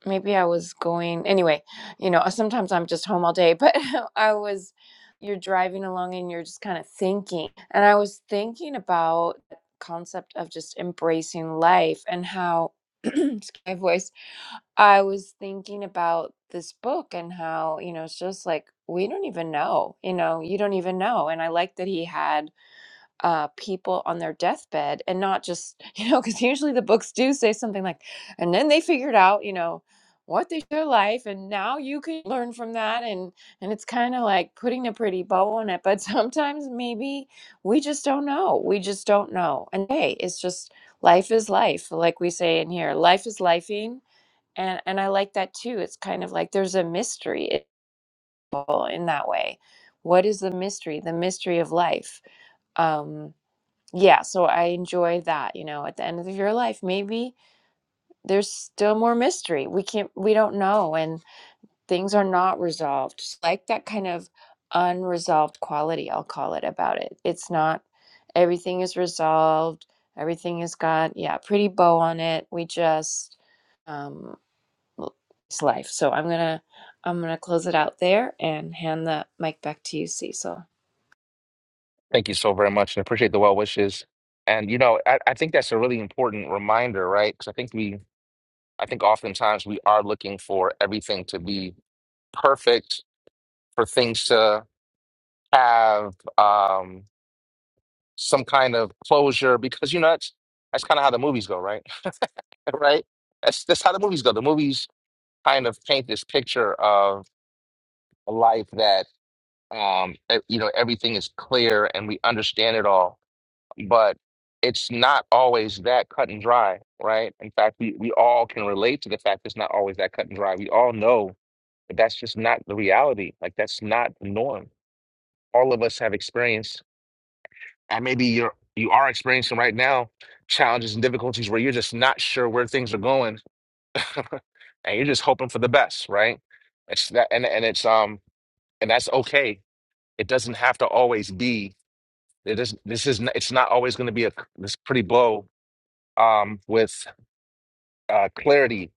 maybe I was going anyway, you know, sometimes I'm just home all day, but I was you're driving along and you're just kind of thinking. And I was thinking about the concept of just embracing life and how excuse my voice. I was thinking about this book and how, you know, it's just like we don't even know, you know, you don't even know. And I like that he had uh, people on their deathbed and not just, you know, because usually the books do say something like, and then they figured out, you know, what they their life and now you can learn from that and and it's kind of like putting a pretty bow on it but sometimes maybe we just don't know we just don't know and hey it's just life is life like we say in here life is lifing and and i like that too it's kind of like there's a mystery in that way what is the mystery the mystery of life um yeah, so I enjoy that, you know, at the end of your life, maybe there's still more mystery. We can't, we don't know, and things are not resolved. Just Like that kind of unresolved quality, I'll call it about it. It's not everything is resolved, everything has got, yeah, pretty bow on it. We just, um, l- it's life. So I'm gonna, I'm gonna close it out there and hand the mic back to you, Cecil.
Thank you so very much. and appreciate the well wishes. And, you know, I, I think that's a really important reminder, right? Because I think we I think oftentimes we are looking for everything to be perfect, for things to have um, some kind of closure, because you know that's that's kind of how the movies go, right? right? That's that's how the movies go. The movies kind of paint this picture of a life that um, e- you know everything is clear and we understand it all, but it's not always that cut and dry, right? In fact, we we all can relate to the fact it's not always that cut and dry. We all know But that's just not the reality. Like that's not the norm. All of us have experienced, and maybe you're you are experiencing right now challenges and difficulties where you're just not sure where things are going, and you're just hoping for the best, right? It's that, and and it's um, and that's okay. It doesn't have to always be. It is, this is n- it's not always going to be a c- this pretty blow um with uh clarity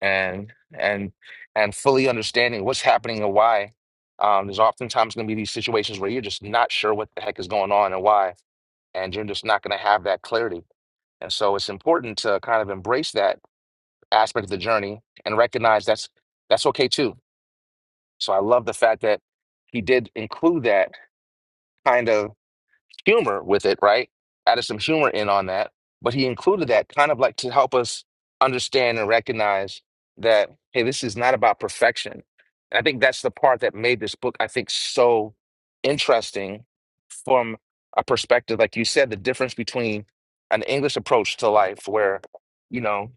and and and fully understanding what's happening and why. Um, there's oftentimes going to be these situations where you're just not sure what the heck is going on and why, and you're just not going to have that clarity. And so it's important to kind of embrace that aspect of the journey and recognize that's that's okay too. So I love the fact that he did include that kind of. humor with it, right? Added some humor in on that, but he included that kind of like to help us understand and recognize that, hey, this is not about perfection. And I think that's the part that made this book, I think, so interesting from a perspective, like you said, the difference between an English approach to life, where, you know,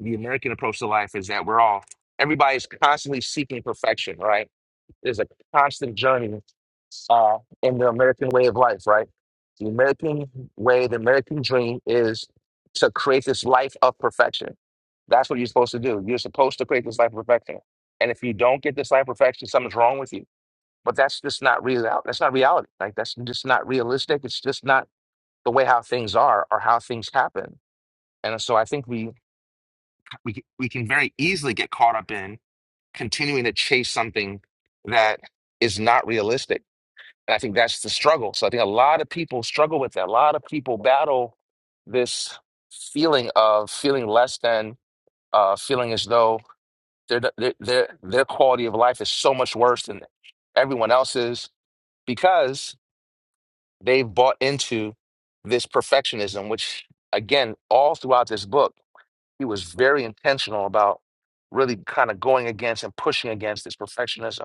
the American approach to life is that we're all, everybody's constantly seeking perfection, right? is a constant journey uh, in the American way of life, right? The American way, the American dream is to create this life of perfection. That's what you're supposed to do. You're supposed to create this life of perfection. And if you don't get this life of perfection, something's wrong with you. But that's just not real. That's not reality. Like that's just not realistic. It's just not the way how things are or how things happen. And so I think we we we can very easily get caught up in continuing to chase something that is not realistic and I think that's the struggle. So I think a lot of people struggle with that. A lot of people battle this feeling of feeling less than, uh, feeling as though their their their their quality of life is so much worse than everyone else's because they've bought into this perfectionism. Which again, all throughout this book, he was very intentional about really kind of going against and pushing against this perfectionism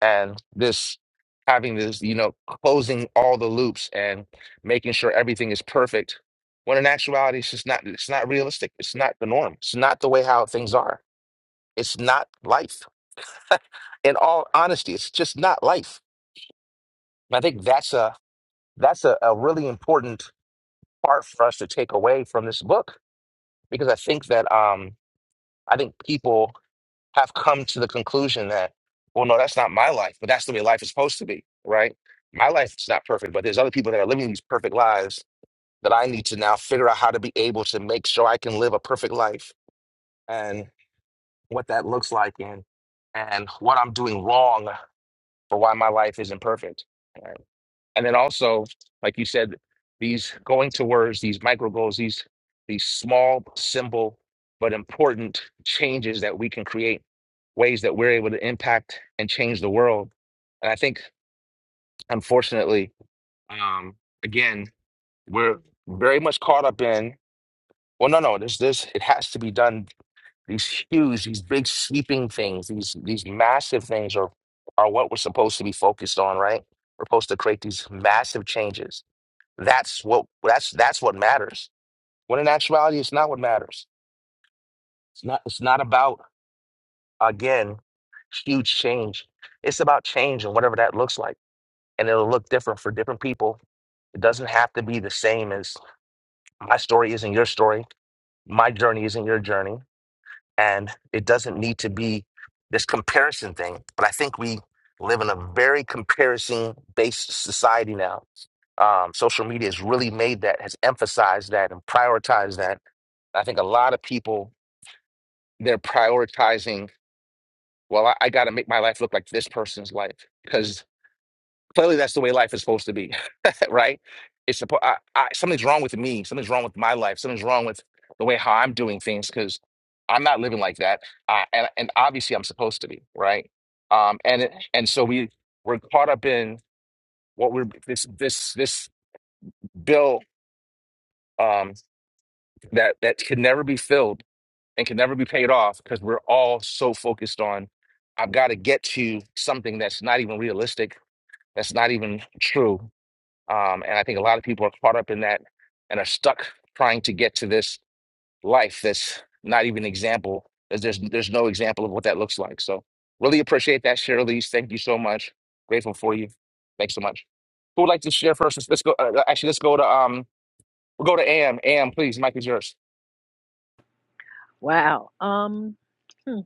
and this having this, you know, closing all the loops and making sure everything is perfect. When in actuality, it's just not. It's not realistic. It's not the norm. It's not the way how things are. It's not life. In all honesty, it's just not life. And I think that's a that's a, a really important part for us to take away from this book because I think that um I think people have come to the conclusion that, well, no, that's not my life, but that's the way life is supposed to be, right? My life is not perfect, but there's other people that are living these perfect lives that I need to now figure out how to be able to make sure I can live a perfect life and what that looks like and and what I'm doing wrong for why my life isn't perfect. And then also, like you said, these going towards these micro goals, these these small, simple but important changes that we can create, ways that we're able to impact and change the world. And I think, unfortunately, um, again, we're very much caught up in. Well, no, no, this this it has to be done. These huge, these big sweeping things, these these massive things are are what we're supposed to be focused on, right? We're supposed to create these massive changes that's what that's that's what matters. When in actuality, it's not what matters. It's not it's not about again huge change. It's about change and whatever that looks like, and it'll look different for different people. It doesn't have to be the same as my story isn't your story, my journey isn't your journey, and it doesn't need to be this comparison thing. But I think we live in a very comparison based society now um, social media has really made that, has emphasized that, and prioritized that. I think a lot of people they're prioritizing, well, I, I got to make my life look like this person's life because clearly that's the way life is supposed to be, right? It's supposed I, I, something's wrong with me, something's wrong with my life, something's wrong with the way how I'm doing things because I'm not living like that, uh, and and obviously I'm supposed to be, right? Um, and it, and so we we're caught up in what we're this this this bill um, that that could never be filled and can never be paid off because we're all so focused on I've got to get to something that's not even realistic, that's not even true. Um, and I think a lot of people are caught up in that and are stuck trying to get to this life that's not even example. There's there's there's no example of what that looks like. So really appreciate that, Shirley. Thank you so much. Grateful for you. Thanks so much. Who would like to share first? Let's let's go. Uh, actually, let's go to um. We'll go to Am. Am, please. Mike is yours.
wow um hmm.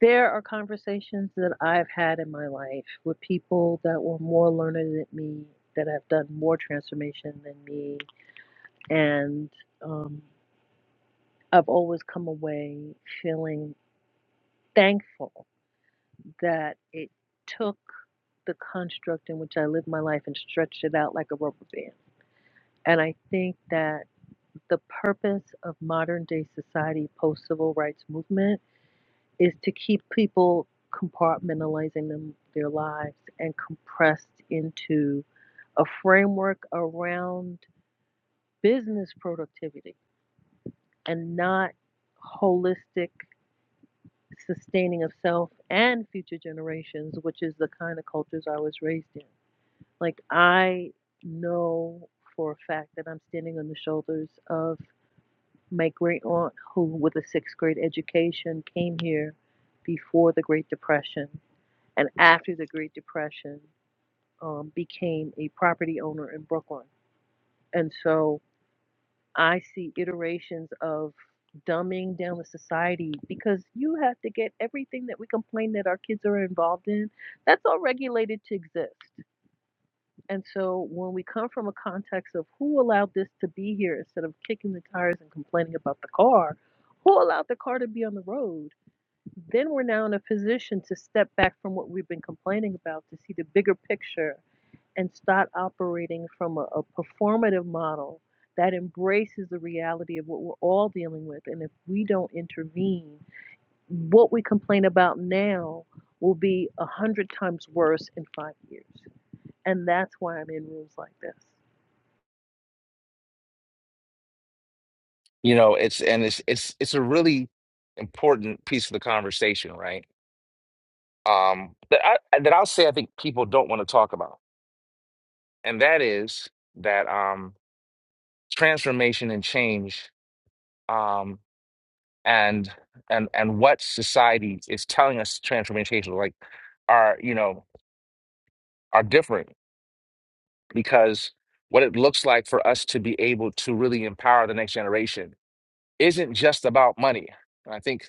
There are conversations that I've had in my life with people that were more learned than me, that have done more transformation than me. And um, I've always come away feeling thankful that it took the construct in which I lived my life and stretched it out like a rubber band. And I think that the purpose of modern day society, post civil rights movement, is to keep people compartmentalizing them, their lives and compressed into a framework around business productivity and not holistic sustaining of self and future generations, which is the kind of cultures I was raised in. Like, I know for a fact that I'm standing on the shoulders of my great aunt, who, with a sixth grade education, came here before the Great Depression and after the Great Depression, um, became a property owner in Brooklyn. And so I see iterations of dumbing down the society because you have to get everything that we complain that our kids are involved in, that's all regulated to exist. And so when we come from a context of who allowed this to be here instead of kicking the tires and complaining about the car, who allowed the car to be on the road? Then we're now in a position to step back from what we've been complaining about to see the bigger picture and start operating from a, a performative model that embraces the reality of what we're all dealing with. And if we don't intervene, what we complain about now will be a hundred times worse in five years. And that's why I'm in rooms like this.
you know it's and it's it's it's a really important piece of the conversation right um that i that i'll say i think people don't want to talk about and that is that um transformation and change um and and and what society is telling us transformation like are you know are different because what it looks like for us to be able to really empower the next generation isn't just about money. I think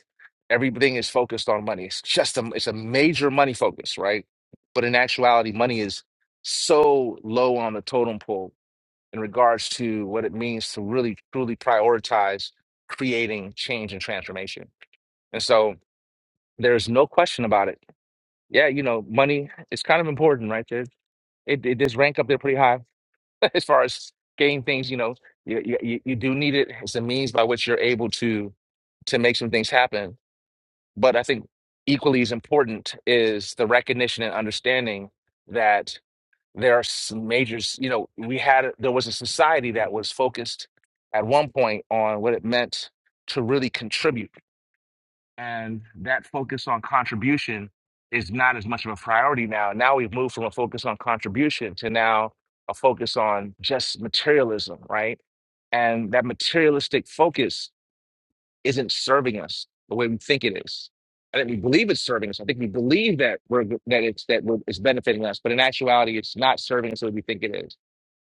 everything is focused on money. It's just a it's a major money focus, right? But in actuality, money is so low on the totem pole in regards to what it means to really truly prioritize creating change and transformation. And so there's no question about it. Yeah, you know, money is kind of important, right? There, it, it does rank up there pretty high as far as getting things, you know, you, you you you do need it as a means by which you're able to to make some things happen. But I think equally as important is the recognition and understanding that there are some majors. You know, we had there was a society that was focused at one point on what it meant to really contribute and that focus on contribution is not as much of a priority now. Now we've moved from a focus on contribution to now a focus on just materialism, right? And that materialistic focus isn't serving us the way we think it is. I think we believe it's serving us. I think we believe that we're that it's that we're, it's benefiting us, but in actuality, it's not serving us the way we think it is.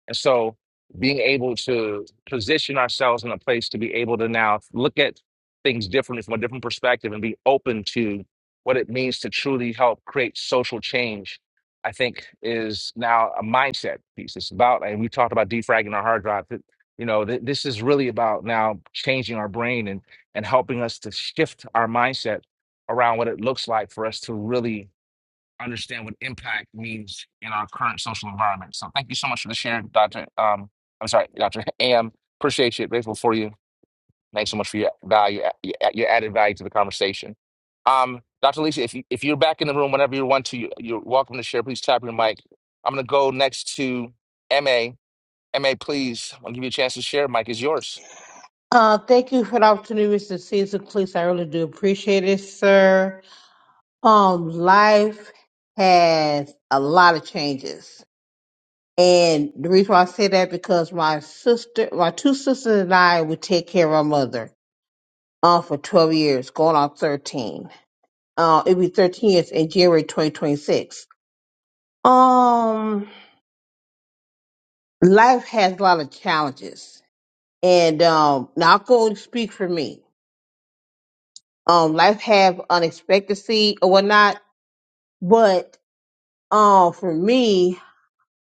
And so being able to position ourselves in a place to be able to now look at things differently from a different perspective and be open to what it means to truly help create social change, I think is now a mindset piece. It's about, and we talked about defragging our hard drive. that, You know, th- this is really about now changing our brain and and helping us to shift our mindset around what it looks like for us to really understand what impact means in our current social environment. So thank you so much for the share, Dr. Um, I'm sorry, Dr. Am. Appreciate you. Grateful for you. Thanks so much for your value, your your added value to the conversation. Um, Dr. Lisa, if, you, if you're back in the room whenever you want to, you- you're welcome to share. Please tap your mic. I'm going to go next to MA. MA, please, I'll give you a chance to share. Mic is yours.
Uh, thank you for the opportunity, Mr. Caesar Cleese. I really do appreciate it, sir. Um, life has a lot of changes. And the reason why I say that because my sister, my two sisters and I would take care of our mother um, for 12 years, going on 13. Uh, it'd be 13 years in January 2026. Um, life has a lot of challenges. And um, now I'll go and speak for me. Um, life have unexpectancy or whatnot, but um, for me,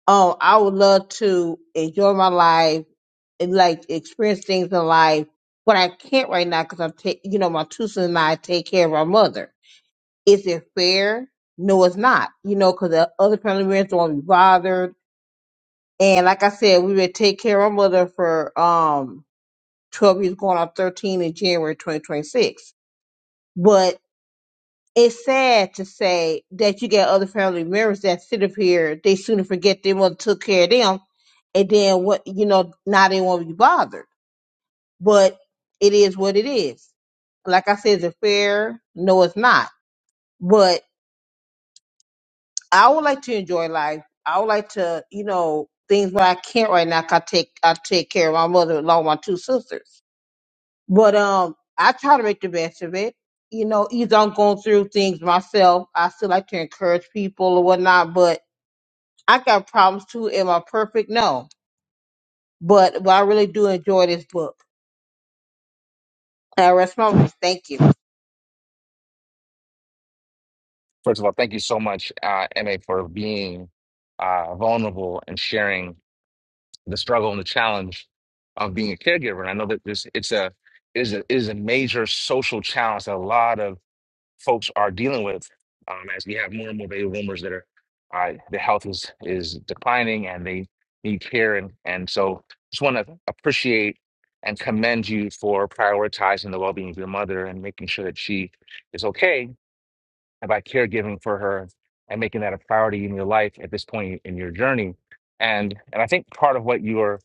Um, I would love to enjoy my life and like experience things in life, but I can't right now because I'm, ta- you know, my two sons and I take care of our mother. Is it fair? No, it's not. You know, because the other family members don't want to be bothered. And like I said, we would take care of our mother for um twelve years, going on thirteen in January 2026. But it's sad to say that you get other family members that sit up here, they sooner forget their mother took care of them, and then what you know, now they won't be bothered. But it is what it is. Like I said, is it fair? No, it's not. But I would like to enjoy life. I would like to, you know, things where I can't right now. 'cause I take I take care of my mother along with my two sisters. But um, I try to make the best of it. You know, either I'm going through things myself. I still like to encourage people or whatnot, but I got problems too. Am I perfect? No. But but I really do enjoy this book. I rest my case. Thank you.
First of all, thank you so much, uh, MA, for being uh, vulnerable and sharing the struggle and the challenge of being a caregiver. And I know that this it's a is a is a major social challenge that a lot of folks are dealing with um, as we have more and more baby boomers that are uh, the health is is declining and they need care and and so just want to appreciate and commend you for prioritizing the well-being of your mother and making sure that she is okay and by caregiving for her and making that a priority in your life at this point in your journey. And and I think part of what you are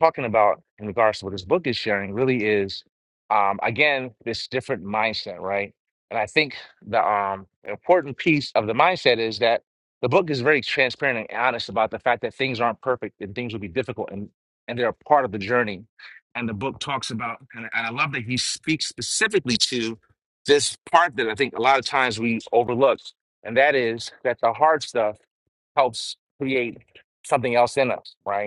talking about in regards to what this book is sharing really is um, again this different mindset, right? And I think the um, important piece of the mindset is that the book is very transparent and honest about the fact that things aren't perfect and things will be difficult and and they're a part of the journey. And the book talks about, and and I love that he speaks specifically to this part that I think a lot of times we overlook, and that is that the hard stuff helps create something else in us, right?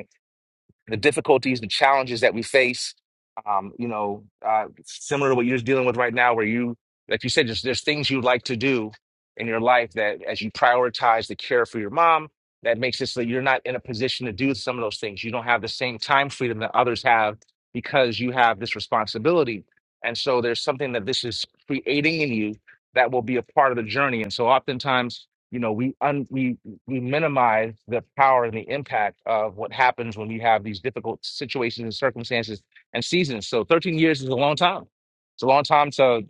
the difficulties, the challenges that we face. Um, you know, uh, similar to what you're dealing with right now, where you, like you said, just there's things you would like to do in your life that, as you prioritize the care for your mom, that makes it so that you're not in a position to do some of those things. You don't have the same time freedom that others have because you have this responsibility. And so there's something that this is creating in you that will be a part of the journey. And so oftentimes, you know, we un- we we minimize the power and the impact of what happens when you have these difficult situations and circumstances and seasons. So 13 years is a long time. It's a long time to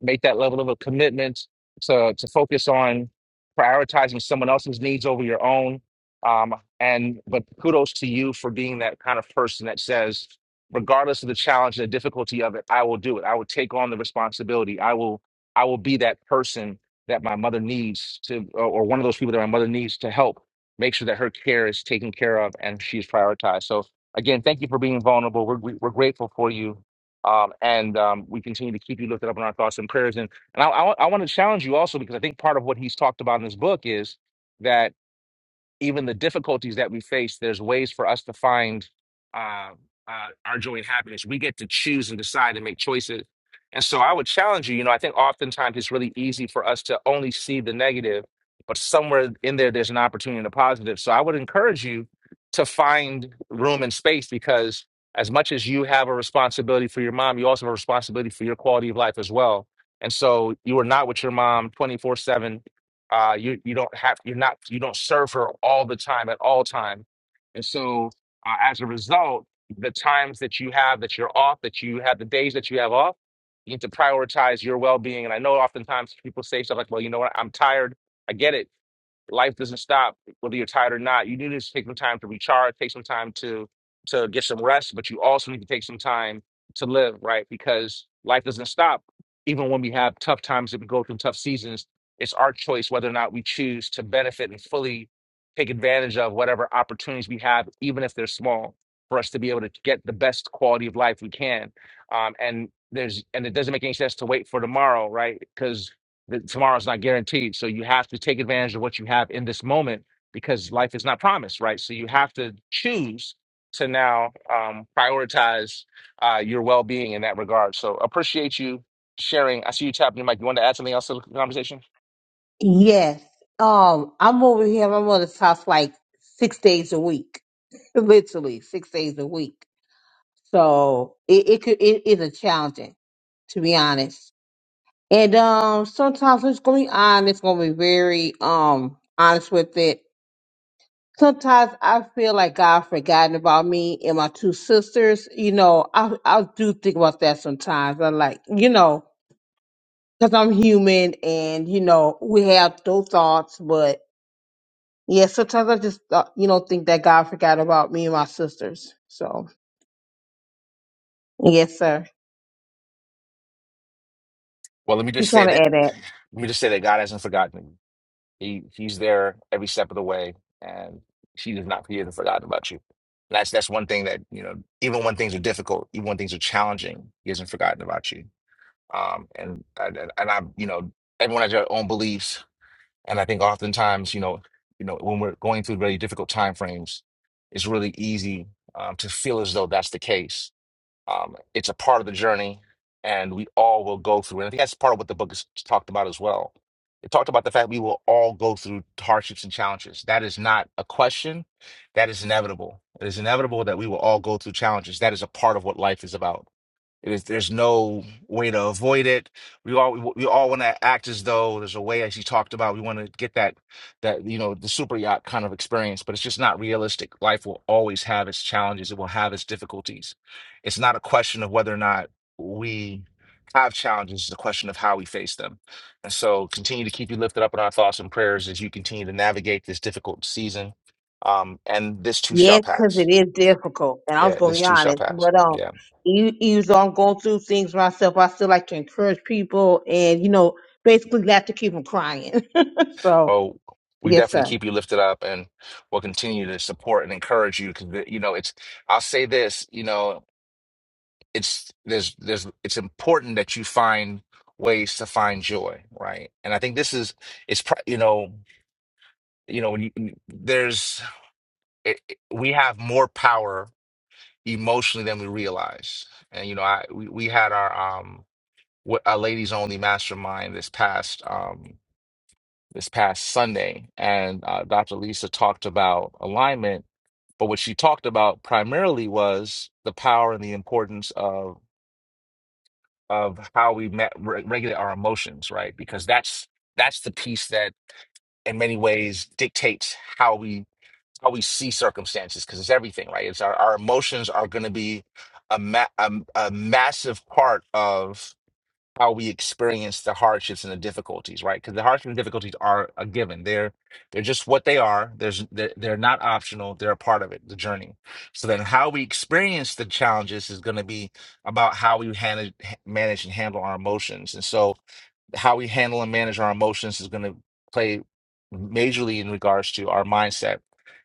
make that level of a commitment to to focus on prioritizing someone else's needs over your own. Um, and but kudos to you for being that kind of person that says, regardless of the challenge and the difficulty of it, I will do it. I will take on the responsibility. I will I will be that person that my mother needs to, or or one of those people that my mother needs to help make sure that her care is taken care of and she is prioritized. So again, thank you for being vulnerable. We're we- we're grateful for you um, and um, we continue to keep you lifted up in our thoughts and prayers. And, and I, I, want to challenge you also because I think part of what he's talked about in this book is that even the difficulties that we face, there's ways for us to find uh, uh, our joy and happiness. We get to choose and decide and make choices. And so I would challenge you, you know, I think oftentimes it's really easy for us to only see the negative, but somewhere in there, there's an opportunity and a positive. So I would encourage you to find room and space because as much as you have a responsibility for your mom, you also have a responsibility for your quality of life as well. And so you are not with your mom 24 7 uh, you you don't have you're not you don't serve her all the time at all time, and so uh, as a result, the times that you have that you're off, that you have the days that you have off, you need to prioritize your well being. And I know oftentimes people say stuff like, "Well, you know what? I'm tired. I get it life doesn't stop whether you're tired or not. You need to take some time to recharge, take some time to to get some rest, but you also need to take some time to live, right? Because life doesn't stop. Even when we have tough times and we go through tough seasons, it's our choice whether or not we choose to benefit and fully take advantage of whatever opportunities we have, even if they're small, for us to be able to get the best quality of life we can. Um, and there's and it doesn't make any sense to wait for tomorrow, right? Because that tomorrow's not guaranteed. So you have to take advantage of what you have in this moment because life is not promised, right? So you have to choose to now um, prioritize uh, your well being in that regard. So appreciate you sharing. I see you tapping your mic. You want to add something else to the conversation?
Yes. Um, I'm over here at my mother's house like six days a week. Literally six days a week. So it, it could it is a challenging, to be honest. And um, sometimes it's gonna be honest, gonna be very um honest with it. Sometimes I feel like God forgotten about me and my two sisters. You know, I I do think about that sometimes. I like, you know, because I'm human and you know we have those thoughts. But yeah, sometimes I just uh, you know think that God forgot about me and my sisters. So yes, sir.
Well, let me just
Just
say
want to
that
add that.
let me just say that God hasn't forgotten you. He he's there every step of the way and he does not he hasn't forgotten about you. And That's that's one thing that, you know, even when things are difficult, even when things are challenging, he hasn't forgotten about you. um, and and and I, you know, everyone has their own beliefs, and I think oftentimes, you know, you know, when we're going through very difficult time frames, it's really easy um, to feel as though that's the case. Um, it's a part of the journey, and we all will go through. And I think that's part of what the book is talked about as well. It talked about the fact we will all go through hardships and challenges. That is not a question. That is inevitable. It is inevitable that we will all go through challenges. That is a part of what life is about it is, there's no way to avoid it. We all we all want to act as though there's a way, as you talked about, we want to get that that you know the super yacht kind of experience, but it's just not realistic. Life will always have its challenges. It will have its difficulties. It's not a question of whether or not we have challenges. It's a question of how we face them. And so, continue to keep you lifted up in our thoughts and prayers as you continue to navigate this difficult season. Um, and this too shall
Yes, because
pass.
it is
Yes.
difficult, and I was
Yeah,
going to
this
be
too shall
honest.
pass.
But um,
Yeah.
e- even though I'm going through things myself, I still like to encourage people, and you know, basically not to keep them crying. so
Oh, we
yes,
definitely
sir.
keep you lifted up and we'll continue to support and encourage you because you know it's I'll say this, you know, it's there's there's it's important that you find ways to find joy, right? And I think this is it's pro- you know, you know when you there's it, it- we have more power emotionally than we realize. And you know, I we, we had our um w- our ladies only mastermind this past um this past Sunday, and uh, Dr. Lisa talked about alignment. But what she talked about primarily was the power and the importance of of how we met, re- regulate our emotions, right? Because that's that's the piece that, in many ways, dictates how we how we see circumstances. Because it's everything, right? It's our, our emotions are going to be a, ma- a a massive part of how we experience the hardships and the difficulties, right? Because the hardships and difficulties are a given. They're they're just what they are. There's they're, they're not optional. They're a part of it, the journey. So then, how we experience the challenges is going to be about how we manage manage and handle our emotions. And so, how we handle and manage our emotions is going to play majorly in regards to our mindset.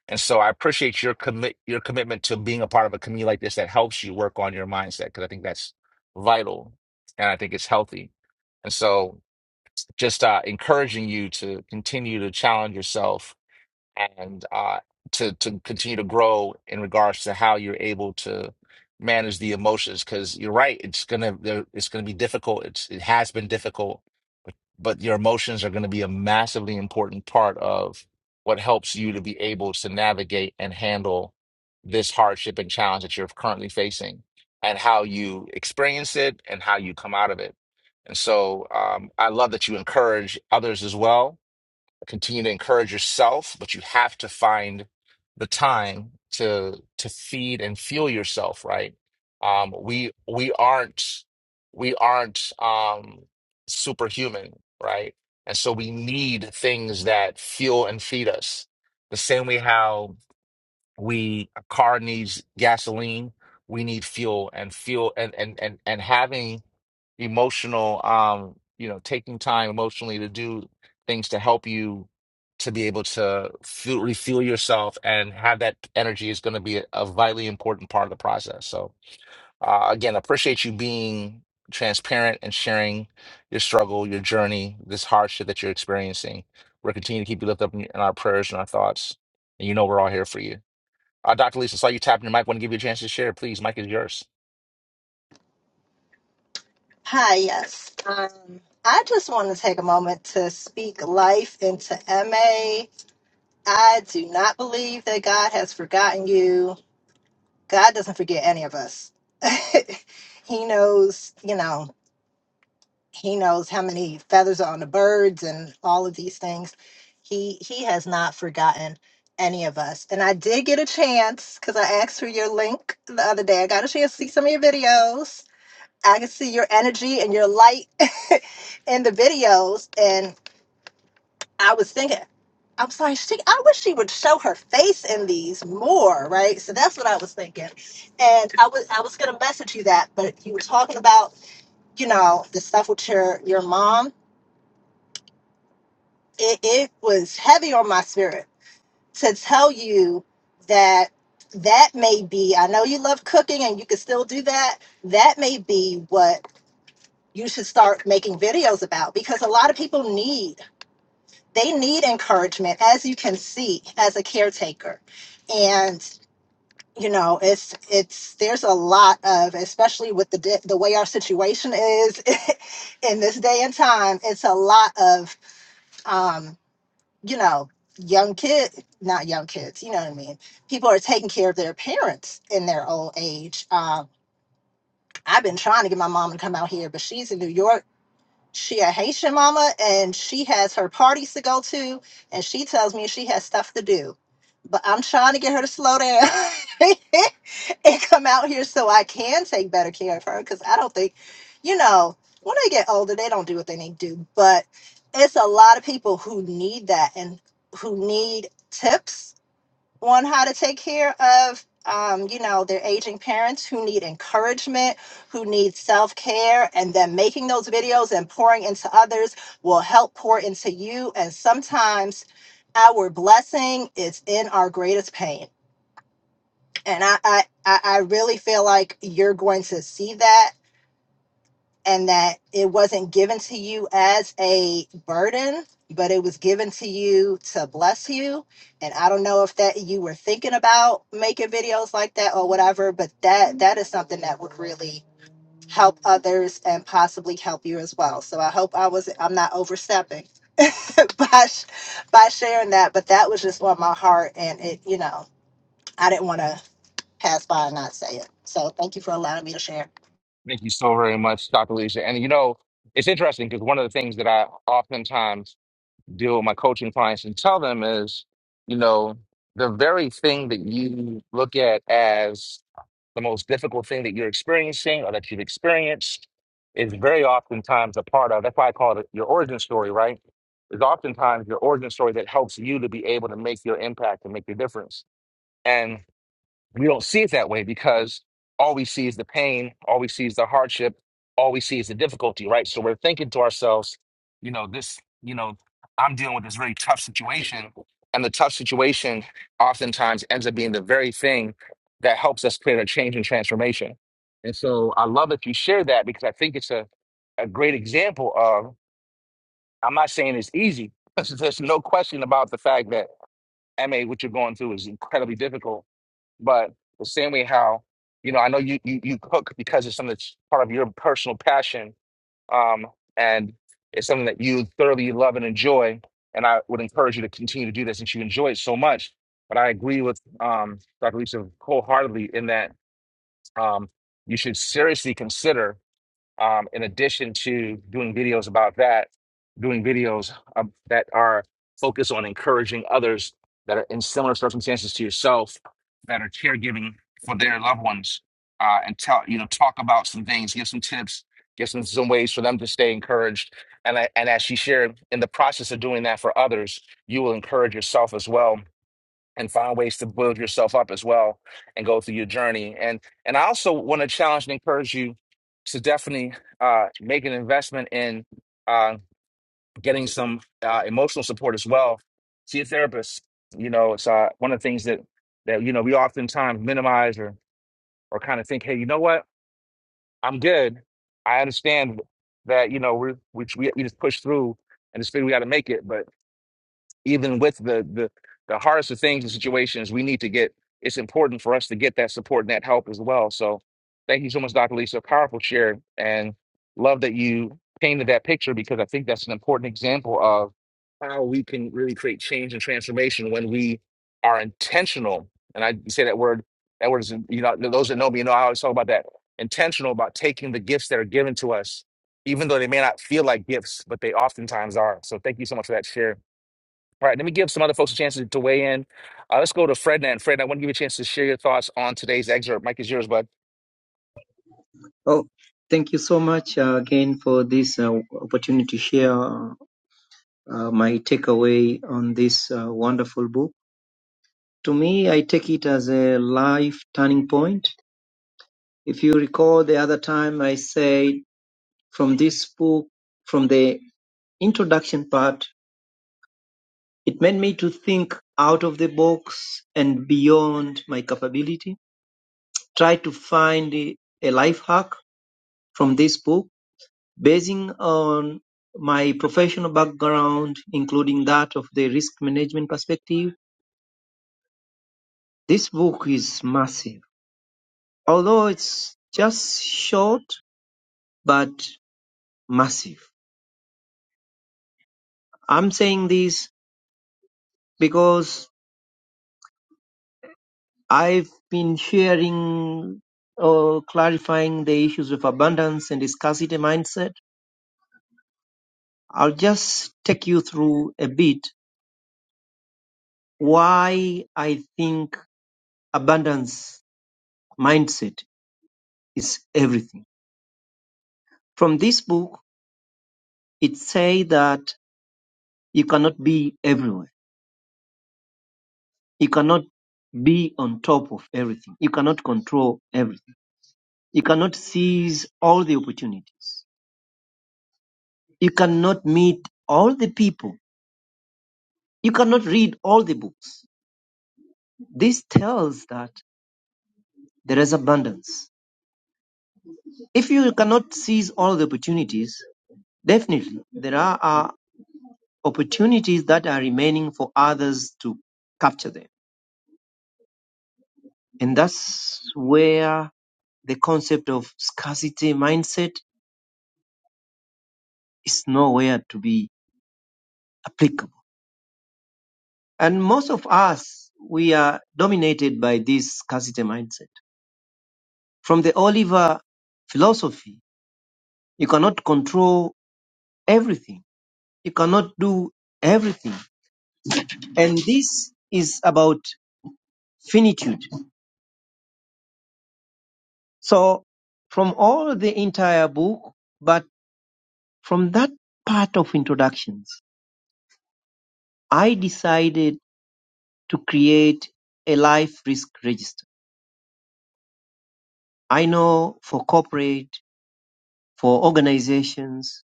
And so I appreciate your commit your commitment to being a part of a community like this that helps you work on your mindset because I think that's vital and I think it's healthy. And so just uh, encouraging you to continue to challenge yourself and uh, to to continue to grow in regards to how you're able to manage the emotions because you're right it's gonna there- it's gonna be difficult it's it has been difficult but your emotions are going to be a massively important part of what helps you to be able to navigate and handle this hardship and challenge that you're currently facing and how you experience it and how you come out of it. And so um, I love that you encourage others as well continue to encourage yourself, but you have to find the time to to feed and fuel yourself, right? Um, we we aren't we aren't um, superhuman, right? And so we need things that fuel and feed us. The same way how we a car needs gasoline we need fuel and fuel and and and, and having emotional um you know taking time emotionally to do things to help you to be able to fuel, refuel yourself and have that energy is going to be a, a vitally important part of the process so uh, again appreciate you being transparent and sharing your struggle your journey this hardship that you're experiencing we're continuing to keep you lifted up in, in our prayers and our thoughts and you know we're all here for you uh, Dr. Lisa, saw you tapping your mic. Want to give you a chance to share, please. Mic is yours.
Hi, yes. Um, I just want to take a moment to speak life into MA. I do not believe that God has forgotten you. God doesn't forget any of us. he knows, you know, he knows how many feathers are on the birds and all of these things he he has not forgotten any of us and i did get a chance because i asked for your link the other day i got a chance to see some of your videos i could see your energy and your light in the videos and i was thinking i was like she i wish she would show her face in these more right so that's what i was thinking and i was i was gonna message you that but you were talking about you know the stuff with your your mom it, it was heavy on my spirit to tell you that that may be i know you love cooking and you can still do that that may be what you should start making videos about because a lot of people need they need encouragement as you can see as a caretaker and you know it's it's there's a lot of especially with the di- the way our situation is in this day and time it's a lot of um, you know, young kid, not young kids, you know what I mean? People are taking care of their parents in their old age. Um, I've been trying to get my mom to come out here, but she's in New York. She a Haitian mama, and she has her parties to go to, and she tells me she has stuff to do. But I'm trying to get her to slow down. and come out here so I can take better care of her because I don't think, you know, when they get older, they don't do what they need to do. But it's a lot of people who need that and who need tips on how to take care of, um, you know, their aging parents who need encouragement, who need self care. And then making those videos and pouring into others will help pour into you. And sometimes our blessing is in our greatest pain and I, I i I really feel like you're going to see that and that it wasn't given to you as a burden but it was given to you to bless you and i don't know if that you were thinking about making videos like that or whatever but that that is something that would really help others and possibly help you as well so i hope i was i'm not overstepping by sh- by sharing that but that was just on my heart and it you know i didn't want to pass by and not say it. So thank you for allowing me to share.
Thank you so very much, Dr. Lisa. And you know, it's interesting because one of the things that I oftentimes deal with my coaching clients and tell them is, you know, the very thing that you look at as the most difficult thing that you're experiencing or that you've experienced is very oftentimes a part of. That's why I call it your origin story, right? Is oftentimes your origin story that helps you to be able to make your impact and make your difference. we don't see it that way because all we see is the pain, all we see is the hardship, all we see is the difficulty, right? So we're thinking to ourselves, you know, this, you know, I'm dealing with this very tough situation. And the tough situation oftentimes ends up being the very thing that helps us create a change and transformation. And so I love that you share that because I think it's a, a great example of, I'm not saying it's easy, there's no question about the fact that MA, what you're going through is incredibly difficult but the same way how, you know, I know you you, you cook because it's something that's part of your personal passion, um, and it's something that you thoroughly love and enjoy. And I would encourage you to continue to do this since you enjoy it so much. But I agree with um, Dr. Lisa wholeheartedly in that um, you should seriously consider. Um, in addition to doing videos about that, doing videos um, that are focused on encouraging others that are in similar circumstances to yourself that are caregiving for their loved ones, uh, and tell you know talk about some things, give some tips, give some some ways for them to stay encouraged. And I, and as she shared, in the process of doing that for others, you will encourage yourself as well and find ways to build yourself up as well and go through your journey. And and I also want to challenge and encourage you to definitely uh, make an investment in uh, getting some uh, emotional support as well. See a therapist. You know, it's uh, one of the things that that you know we oftentimes minimize or or kind of think, hey, you know what, I'm good. I understand that you know we're, we we we just push through and just figure we got to make it. but even with the the the hardest of things and situations, we need to get. It's important for us to get that support and that help as well. So, thank you so much, Dr. Lisa. Powerful share, and love that you painted that picture because I think that's an important example of how we can really create change and transformation when we are intentional. And I say that word. That word is you know those that know me know I always talk about that intentional about taking the gifts that are given to us, even though they may not feel like gifts, but they oftentimes are. So, thank you so much for that share. All right, let me give some other folks a chance to, to weigh in. Uh, let's go to Fred Fred, I want to give you a chance to share your thoughts on today's excerpt. Mike is yours, bud.
Oh, thank you so much uh, again for this uh, opportunity to share uh, my takeaway on this uh, wonderful book. To me, I take it as a life turning point. If you recall the other time I said from this book, from the introduction part, it made me to think out of the box and beyond my capability, try to find a a life hack from this book Basing on my professional background, including that of the risk management perspective, this book is massive. Although it's just short, but massive. I'm saying this because I've been sharing or clarifying the issues of abundance and scarcity mindset. I'll just take you through a bit why I think abundance mindset is everything From this book, it says that you cannot be everywhere. You cannot be on top of everything. You cannot control everything. You cannot seize all the opportunities. You cannot meet all the people. You cannot read all the books. This tells that there is abundance. If you cannot seize all the opportunities, definitely there are, are opportunities that are remaining for others to capture them. And that's where the concept of scarcity mindset is nowhere to be applicable. And most of us, we are dominated by this scarcity mindset. From the Oliver philosophy, you cannot control everything. You cannot do everything. And this is about finitude. So from all the entire book, but from that part of introductions, I decided to create a life risk register I know for corporate, for organizations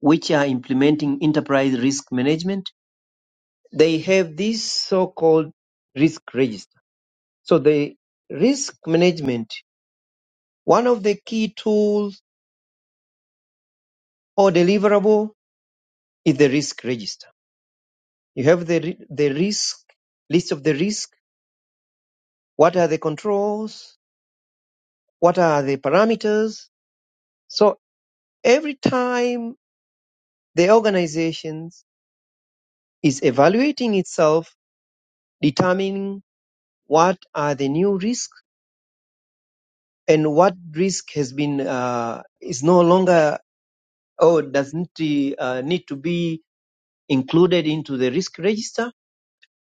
which are implementing enterprise risk management, they have this so-called risk register. So the risk management, one of the key tools or deliverable is the risk register. You have the, ri- the risk, list of the risk. What are the controls? What are the parameters? So every time the organization is evaluating itself, determining what are the new risks and what risk has been uh, is no longer or doesn't uh, need to be included into the risk register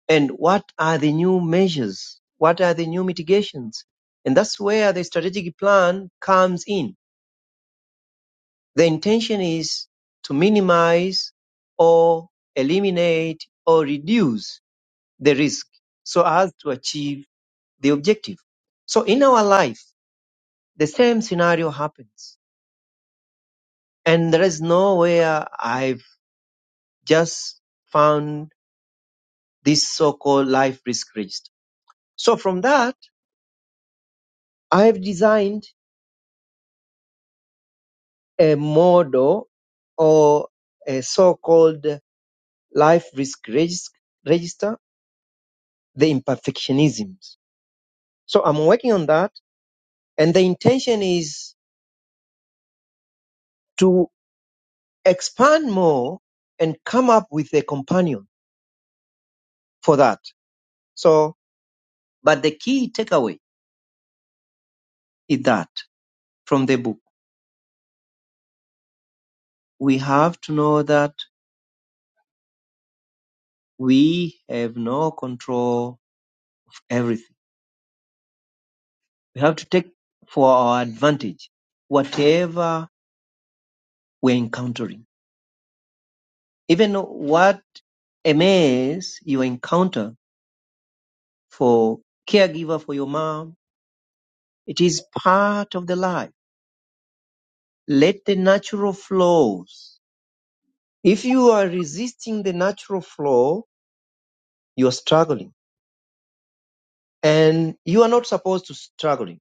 and what are the new measures what are the new mitigations and that's where the strategic plan comes in the intention is to minimize or eliminate or reduce the risk so as to achieve the objective so in our life the same scenario happens And there is nowhere I've just found this so-called life risk register. So from that, I've designed a model or a so-called life risk regis- register, the imperfectionisms. So I'm working on that. And the intention is to expand more and come up with a companion for that. So, but the key takeaway is that from the book, we have to know that We have no control of everything. We have to take for our advantage whatever we're encountering. Even what a mess you encounter for caregiver for your mom, it is part of the life. Let the natural flows. If you are resisting the natural flow, you are struggling. And you are not supposed to struggling.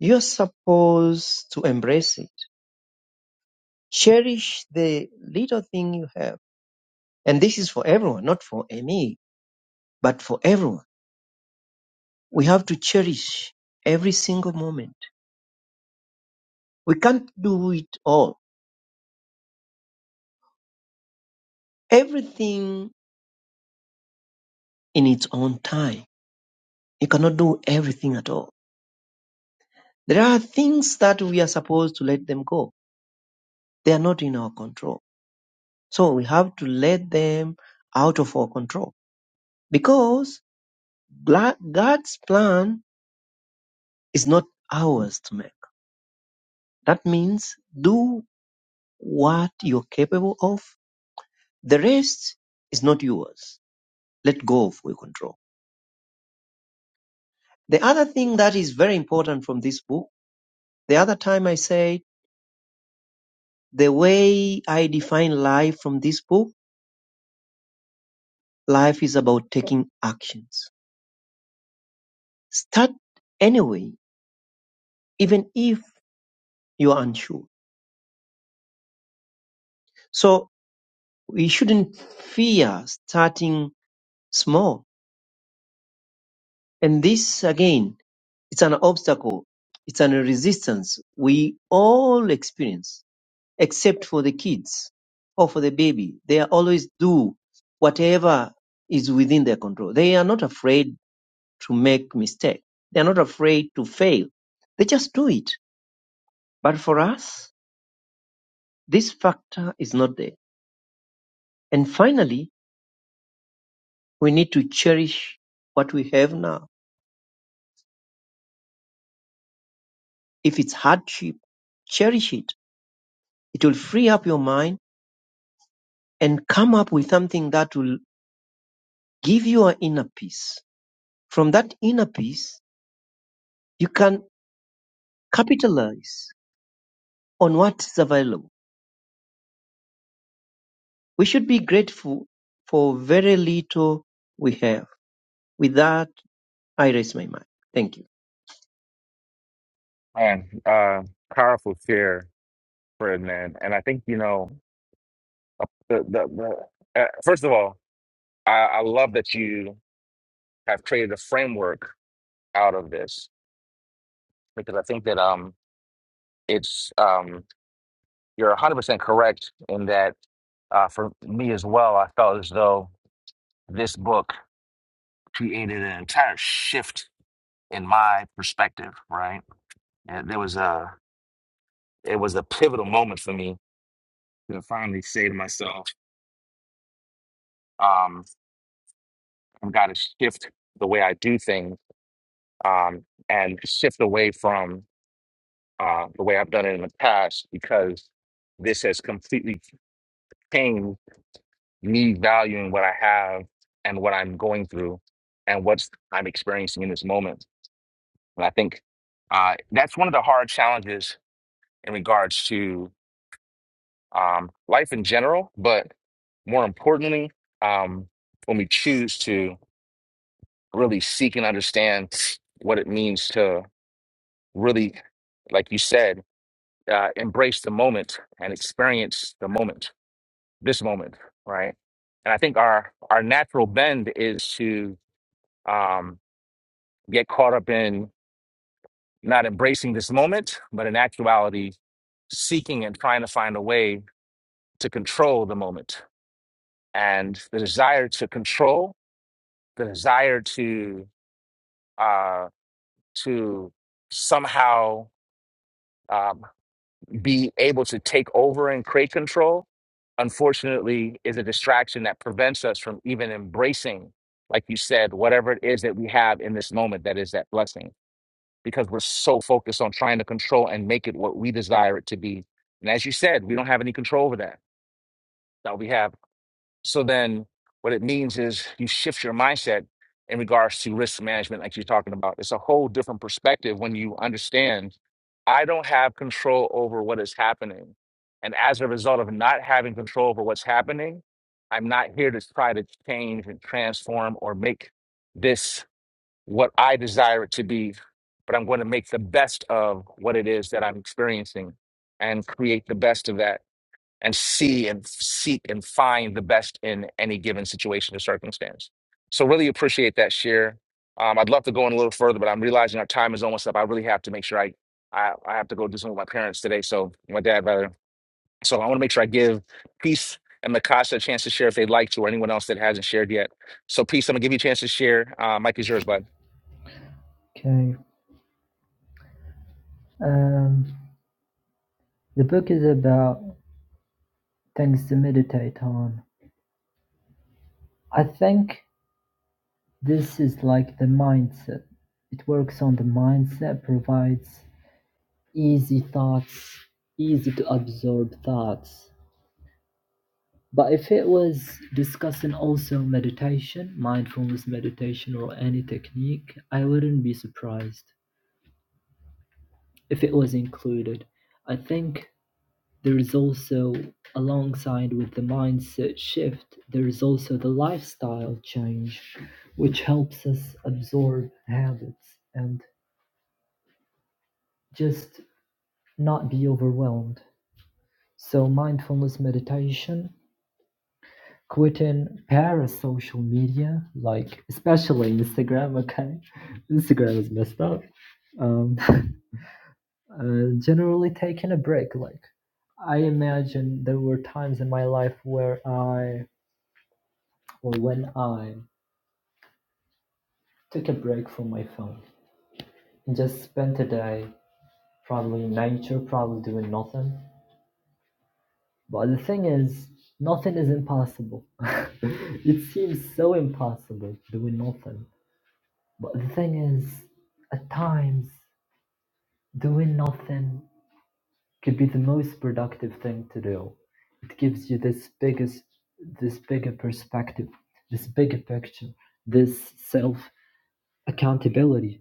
You're supposed to embrace it. Cherish the little thing you have And this is for everyone, not for me, but for everyone. We have to cherish every single moment. We can't do it all. Everything in its own time. You cannot do everything at all. There are things that we are supposed to let them go. They are not in our control. So we have to let them out of our control because God's plan is not ours to make. That means do what you're capable of The rest is not yours. Let go of your control. The other thing that is very important from this book, the other time I say the way I define life from this book, life is about taking actions. Start anyway, even if you are unsure. So we shouldn't fear starting small. And this again, it's an obstacle. It's an resistance we all experience. except for the kids or for the baby. They always do whatever is within their control. They are not afraid to make mistakes. They are not afraid to fail. They just do it. But for us, this factor is not there. And finally, we need to cherish what we have now. If it's hardship, cherish it. It will free up your mind and come up with something that will give you an inner peace. From that inner peace, you can capitalize on what is available. We should be grateful for very little we have. With that, I raise my mic. Thank you.
Man, uh, powerful share, Fred, man. And I think, you know, the, the, the uh, first of all, I, I love that you have created a framework out of this because I think that um, it's, um, you're 100% correct in that uh, for me as well, I felt as though this book created an entire shift in my perspective, right? And there was a it was a pivotal moment for me to finally say to myself, um, I've got to shift the way I do things um, and shift away from uh, the way I've done it in the past because this has completely changed me valuing what I have and what I'm going through and what I'm experiencing in this moment. And I think uh, that's one of the hard challenges in regards to. um, life in general, but more importantly, um, when we choose to really seek and understand what it means to really, like you said, uh, embrace the moment and experience the moment, this moment, right? And I think our our natural bend is to um, get caught up in not embracing this moment, but in actuality, seeking and trying to find a way to control the moment. And the desire to control the desire to uh, to somehow um, be able to take over and create control, unfortunately, is a distraction that prevents us from even embracing, like you said, whatever it is that we have in this moment that is that blessing, because we're so focused on trying to control and make it what we desire it to be. And as you said, we don't have any control over that. That we have So then what it means is you shift your mindset in regards to risk management, like you're talking about. It's a whole different perspective when you understand I don't have control over what is happening. And as a result of not having control over what's happening, I'm not here to try to change and transform or make this what I desire it to be, but I'm going to make the best of what it is that I'm experiencing and create the best of that and see and seek and find the best in any given situation or circumstance. So really appreciate that share. Um, I'd love to go in a little further, but I'm realizing our time is almost up. I really have to make sure I I, I have to go do something with my parents today. So my dad rather. So I want to make sure I give Peace and Mikasa a chance to share if they'd like to, or anyone else that hasn't shared yet. So Peace, I'm gonna give you a chance to share. Uh, Mike is yours, bud.
Okay. Um, the book is about things to meditate on. I think this is like the mindset. It works on the mindset, provides easy thoughts, easy to absorb thoughts. But if it was discussing also meditation, mindfulness meditation, or any technique, I wouldn't be surprised if it was included. I think There is also, alongside with the mindset shift, there is also the lifestyle change, which helps us absorb habits and just not be overwhelmed. So, mindfulness meditation, quitting parasocial media, like especially Instagram, okay? Instagram is messed up. Um, uh, generally taking a break. Like, I imagine there were times in my life where I, or when I, took a break from my phone and just spent a day probably in nature, probably doing nothing. But the thing is, nothing is impossible. it seems so impossible doing nothing. But the thing is, at times, doing nothing could be the most productive thing to do. It gives you this biggest, this bigger perspective, this bigger picture, this self accountability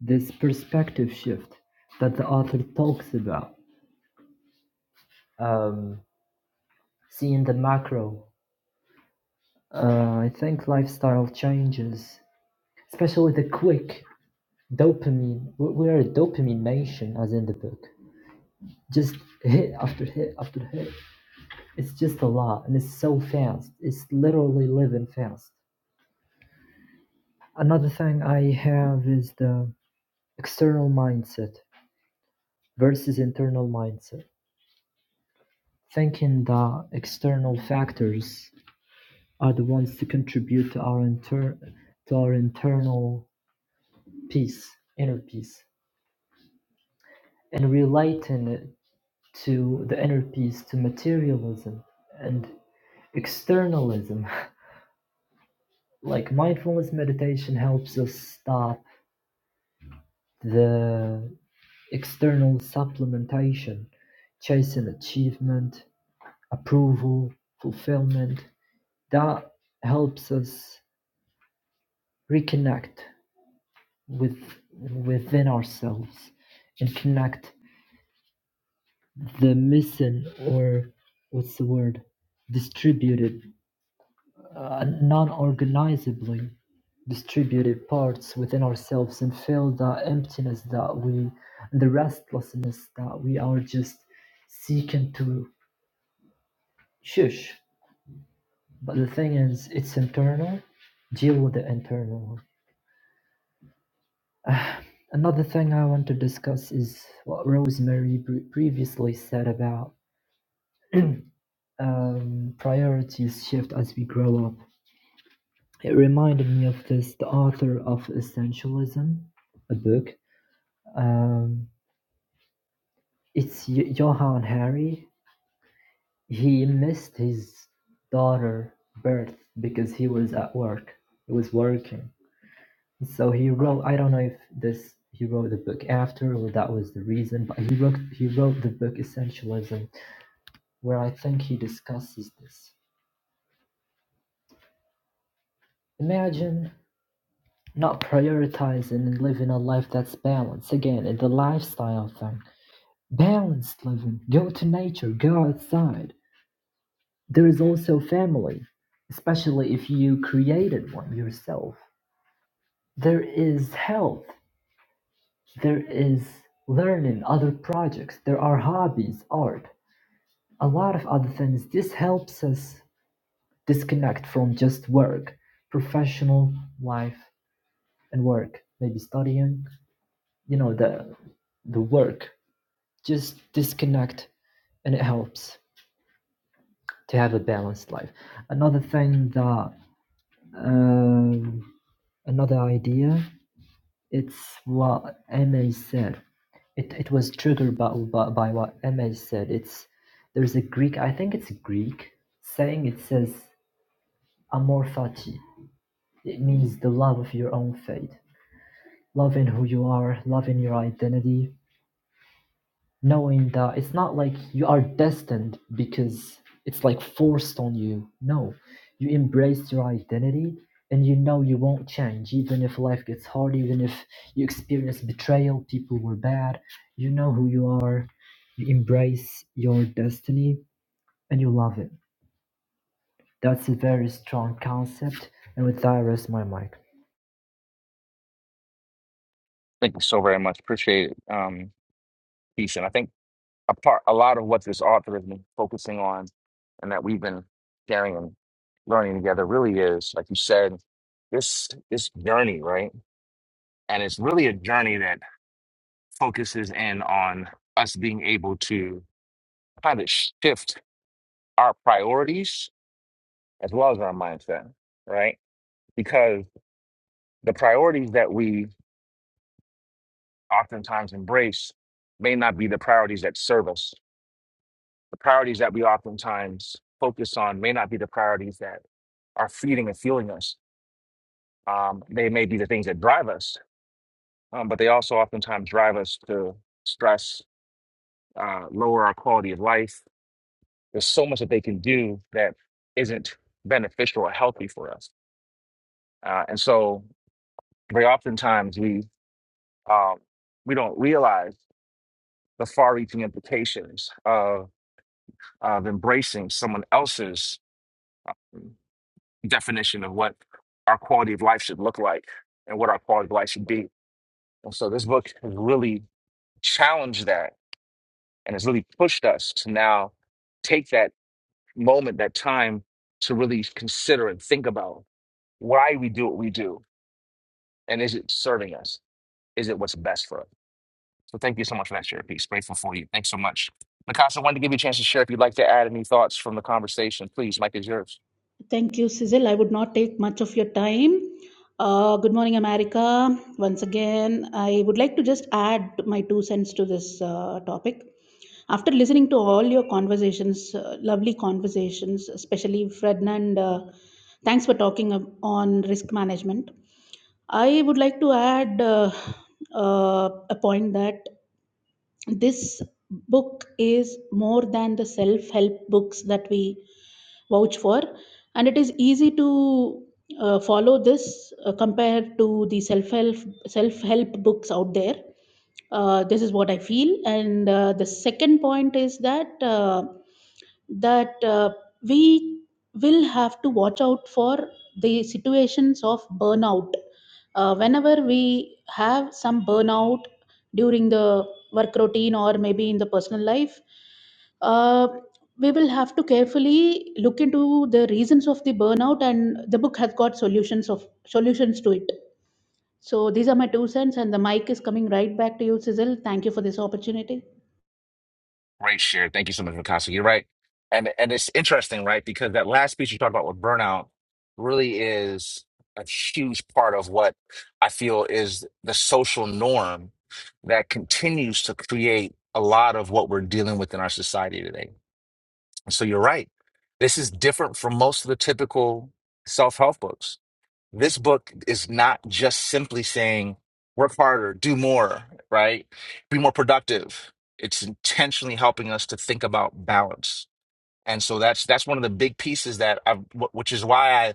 this perspective shift that the author talks about, um, seeing the macro. Uh, I think lifestyle changes, especially the quick dopamine. we- are a dopamine nation, as in the book. Just hit after hit after hit. It's just a lot, and it's so fast. It's literally living fast. Another thing I have is the external mindset versus internal mindset. Thinking that external factors are the ones to contribute to our inter to our internal peace, inner peace, and relating it to the inner peace to materialism and externalism. Like mindfulness meditation helps us stop the external supplementation, chasing achievement, approval, fulfillment. That helps us reconnect with within ourselves and connect the missing, or what's the word distributed uh, non-organizably distributed parts within ourselves and feel the emptiness that we the restlessness that we are just seeking to shush but the thing is it's internal deal with the internal one. another thing i want to discuss is what rosemary pre- previously said about um, priorities shift as we grow up It reminded me of this, the author of Essentialism, a book. Um, it's Johann Harry. He missed his daughter birth because he was at work. He was working. So he wrote. I don't know if this he wrote the book after or that was the reason, but he wrote he wrote the book Essentialism, where I think he discusses this. Imagine not prioritizing and living a life that's balanced again in the lifestyle thing Balanced living, go to nature, go outside. There is also family, especially if you created one yourself. There is health, there is learning other projects, there are hobbies, art, a lot of other things. This helps us disconnect from just work, professional life and work, maybe studying, you know, the the work. Just disconnect and it helps. to have a balanced life. Another thing that um, another idea it's what MA said. It, it was triggered by, by, by what MA said. It's there's a Greek I think it's a Greek saying it says amor fati. It means the love of your own fate, loving who you are, loving your identity, knowing that it's not like you are destined because it's like forced on you. No, you embrace your identity and you know you won't change, even if life gets hard, even if you experience betrayal, people were bad. You know who you are, you embrace your destiny and you love it. That's a very strong concept. And with that, I rest my mic.
Thank you so very much. Appreciate it. Um, peace, and I think. a part a lot of what this author has been focusing on and that we've been sharing and learning together really is like you said this this journey right and it's really a journey that focuses in on us being able to kind of shift our priorities as well as our mindset right because the priorities that we oftentimes embrace may not be the priorities that serve us the priorities that we oftentimes focus on may not be the priorities that are feeding and fueling us. Um, they may be the things that drive us, um, but they also oftentimes drive us to stress, uh, lower our quality of life. There's so much that they can do that isn't beneficial or healthy for us. Uh, and so, very oftentimes, we um, we don't realize the far-reaching implications of of embracing someone else's definition of what our quality of life should look like and what our quality of life should be. And so this book has really challenged that and has really pushed us to now take that moment, that time to really consider and think about why we do what we do. And is it serving us? Is it what's best for us? So thank you so much for that share piece. Grateful for you. Thanks so much. Mikasa, wanted to give you a chance to share if you'd like to add any thoughts from the conversation. Please, Mike is yours.
Thank you, Cecil. I would not take much of your time. Uh, good morning, America. Once again, I would like to just add my two cents to this uh, topic. After listening to all your conversations, uh, lovely conversations, especially Ferdinand, uh, thanks for talking ab- on risk management. I would like to add uh, uh, a point that this book is more than the self help books that we vouch for and it is easy to uh, follow this uh, compared to the self help self help books out there uh, this is what i feel and uh, the second point is that uh, that uh, we will have to watch out for the situations of burnout uh, whenever we have some burnout during the work routine or maybe in the personal life uh, we will have to carefully look into the reasons of the burnout and the book has got solutions of solutions to it so these are my two cents and the mic is coming right back to you sizzle thank you for this opportunity
Great share. Thank you so much, Mikasa. You're right. And and it's interesting, right? Because that last piece you talked about with burnout really is a huge part of what I feel is the social norm that continues to create a lot of what we're dealing with in our society today. so you're right. This is different from most of the typical self-help books. This book is not just simply saying work harder, do more, right? Be more productive. It's intentionally helping us to think about balance. And so that's that's one of the big pieces that I've, wh- which is why I,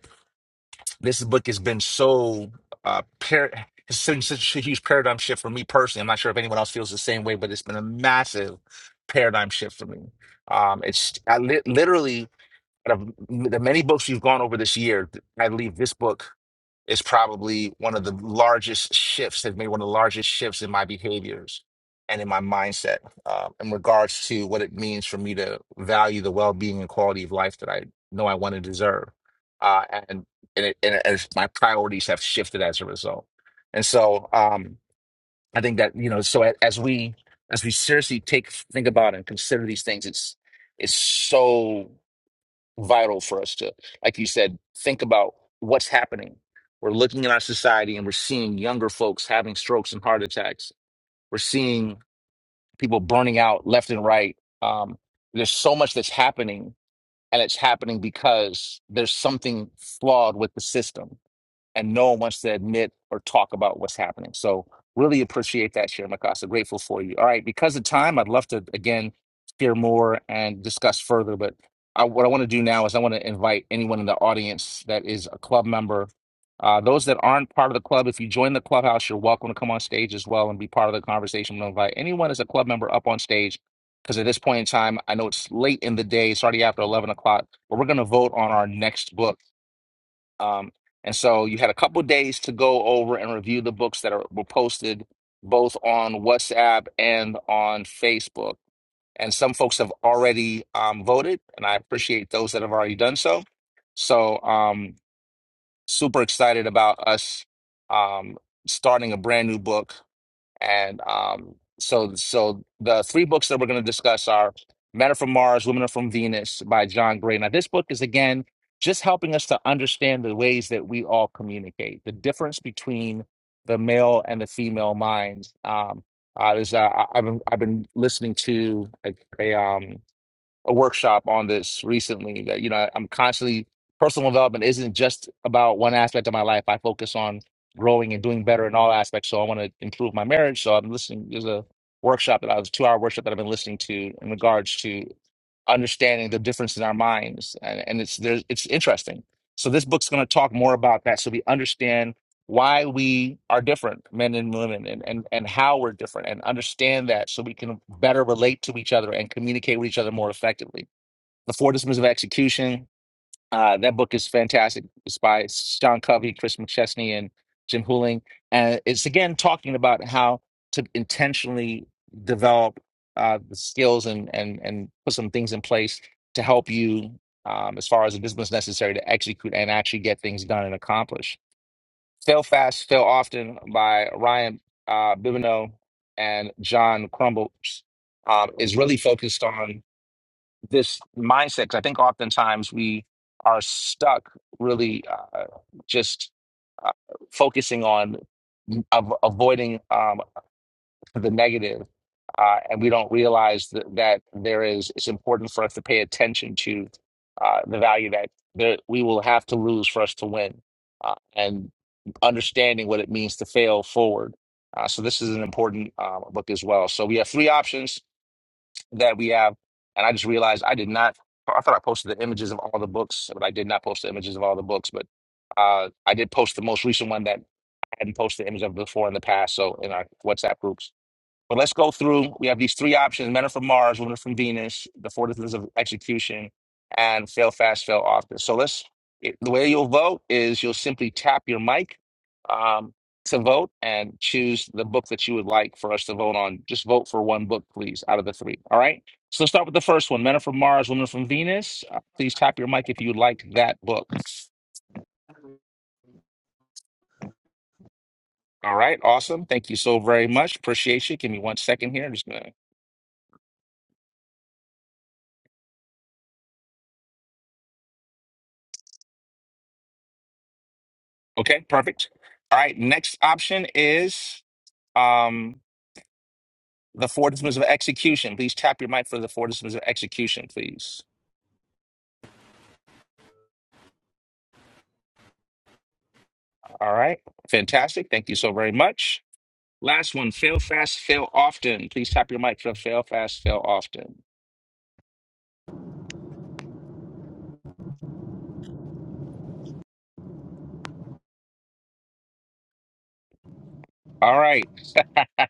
this book has been so uh, par- it's been such a huge paradigm shift for me personally. I'm not sure if anyone else feels the same way, but it's been a massive paradigm shift for me. Um, it's I li- literally out of the many books we've gone over this year, I believe this book. Is probably one of the largest shifts Has made one of the largest shifts in my behaviors and in my mindset uh, in regards to what it means for me to value the well-being and quality of life that I know I want to deserve. Uh, and and, it, and as my priorities have shifted as a result. And so um, I think that, you know, so a- as we as we seriously take think about and consider these things, it's it's so vital for us to, like you said, think about what's happening. We're looking at our society and we're seeing younger folks having strokes and heart attacks. We're seeing people burning out left and right. Um, there's so much that's happening, and it's happening because there's something flawed with the system and no one wants to admit or talk about what's happening. So really appreciate that, Sharon Mikasa. Grateful for you. All right, because of time, I'd love to again hear more and discuss further. But I, what I want to do now is I want to invite anyone in the audience that is a club member. Uh, those that aren't part of the club, if you join the clubhouse, you're welcome to come on stage as well and be part of the conversation. We'll invite anyone as a club member up on stage because at this point in time, I know it's late in the day, it's already after 11 o'clock, but we're going to vote on our next book um, and so you had a couple days to go over and review the books that are, were posted both on WhatsApp and on Facebook. And some folks have already um, voted, and I appreciate those that have already done so. So, um, super excited about us um, starting a brand new book and um, so, so the three books that we're going to discuss are Men Are From Mars, Women Are From Venus by John Gray. Now, this book is again just helping us to understand the ways that we all communicate, the difference between the male and the female minds. Um, uh, there's, uh, I- I've been, I've been listening to a, a um, a workshop on this recently that you know I- I'm constantly personal development isn't just about one aspect of my life. I focus on growing and doing better in all aspects. So I want to improve my marriage. So I'm listening. There's a workshop that I was two hour workshop that I've been listening to in regards to understanding the difference in our minds and, and it's there's it's interesting so this book's going to talk more about that so we understand why we are different men and women and, and and how we're different and understand that so we can better relate to each other and communicate with each other more effectively the four disciplines of execution uh, that book is fantastic. It's by Sean Covey, Chris McChesney, and Jim Huling, And it's again talking about how to intentionally develop uh, the skills and, and, and put some things in place to help you um, as far as the disciplines necessary to execute and actually get things done and accomplish. Fail Fast, Fail Often by Ryan uh, Bibineau and John Crumbles um, is really focused on this mindset 'cause I think oftentimes we are stuck really uh, just uh, focusing on av- avoiding um, the negative, uh, and we don't realize that, that there is. It's important for us to pay attention to uh, the value that there, we will have to lose for us to win, uh, and understanding what it means to fail forward. Uh, so this is an important uh, book as well. So we have three options that we have. And I just realized I did not, I thought I posted the images of all the books, but I did not post the images of all the books. But uh, I did post the most recent one that I hadn't posted the image of before in the past. So in our WhatsApp groups. But let's go through. We have these three options: men are from Mars, women are from Venus, the four disciplines of execution, and fail fast, fail often. So let's. It, the way you'll vote is you'll simply tap your mic um, to vote and choose the book that you would like for us to vote on. Just vote for one book, please, out of the three. All right. So let's start with the first one: Men are from Mars, women are from Venus. Uh, please tap your mic if you like that book. All right. Awesome. Thank you so very much. Appreciate you. Give me one second here. I'm just gonna Okay, perfect. All right, next option is um, the four disciplines of execution. Please tap your mic for the four disciplines of execution, please. All right, fantastic. Thank you so very much. Last one, fail fast, fail often. Please tap your mic for fail fast, fail often. All right.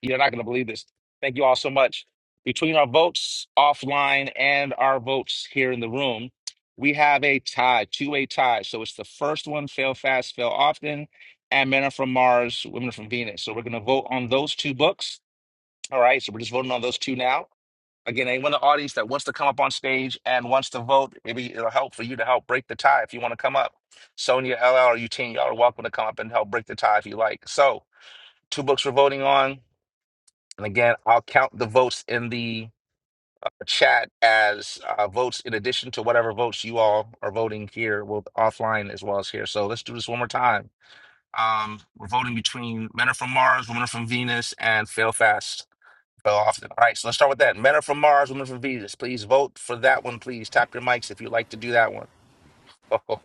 You're not going to believe this. Thank you all so much. Between our votes offline and our votes here in the room, we have a tie, two-way tie. So it's the first one, fail fast, fail often, and Men Are From Mars, Women Are From Venus. So we're going to vote on those two books. All right, so we're just voting on those two now. Again, anyone in the audience that wants to come up on stage and wants to vote, maybe it'll help for you to help break the tie if you want to come up. Sonia, LL, or Eugene, y'all are welcome to come up and help break the tie if you like. So, two books we're voting on. And again, I'll count the votes in the chat as uh, votes in addition to whatever votes you all are voting here, well, offline as well as here. So let's do this one more time. Um, we're voting between Men Are From Mars, Women Are From Venus, and Fail Fast, Fail Often. All right, so let's start with that. Men Are From Mars, Women Are From Venus. Please vote for that one, please. Tap your mics if you'd like to do that one.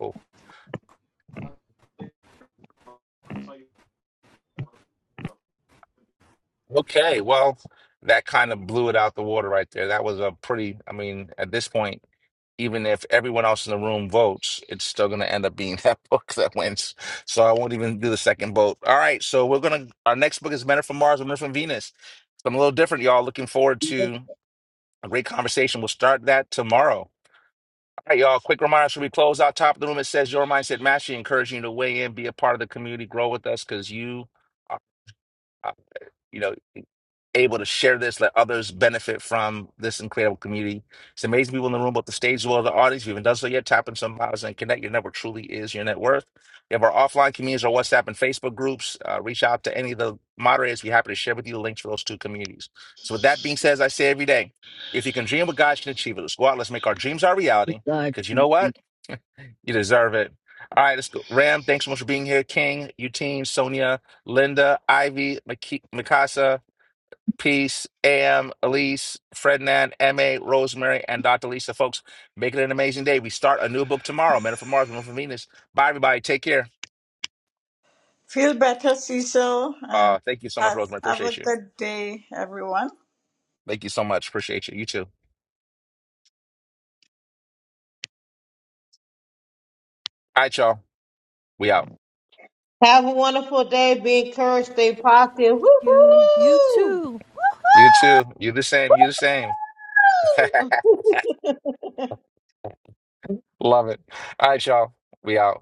Okay, well, that kind of blew it out the water right there. That was a pretty, I mean, at this point, even if everyone else in the room votes, it's still going to end up being that book that wins. So I won't even do the second vote. All right. So we're going to, our next book is Men Are from Mars, Women Are from Venus. Something a little different, y'all. Looking forward
No,
to a great conversation. We'll start that tomorrow. All right, y'all. Quick reminder should we close out top of the room? It says your mindset mastery, encouraging you to weigh in, be a part of the community, grow with us because you are, uh, you know, able to share this, let others benefit from this incredible community. It's amazing people in the room, both the stage as well as the audience. If you haven't done so yet, tap in some miles and connect. Your network truly is your net worth. We have our offline communities, our WhatsApp and Facebook groups. Uh, reach out to any of the moderators. We're happy to share with you the links for those two communities. So with that being said, as I say every day, if you can dream what God can achieve it. Let's go out. Let's make our dreams our reality.
God, you
Because you
can
know
achieve.
what? You deserve it. All right, let's go. Ram, thanks so much for being here. King, Eugene, Sonia, Linda, Ivy, Maki- Mikasa, Peace, AM, Elise, Frednan, MA, Rosemary, and Dr. Lisa. Folks, make it an amazing day. We start a new book tomorrow, Men Are from Mars, Women Are from Venus. Bye, everybody. Take care.
feel better cecil and
Uh, thank you so much,
have,
Rosemary.
have a
Appreciate you.
good day everyone
Thank you so much. Appreciate you. You too. All right, y'all. We out.
Have a wonderful day. Be encouraged. Stay positive.
You, you
Woo-hoo!
too.
You too. You the same. You the same.
Woo hoo!
Love it. All right, y'all. We out.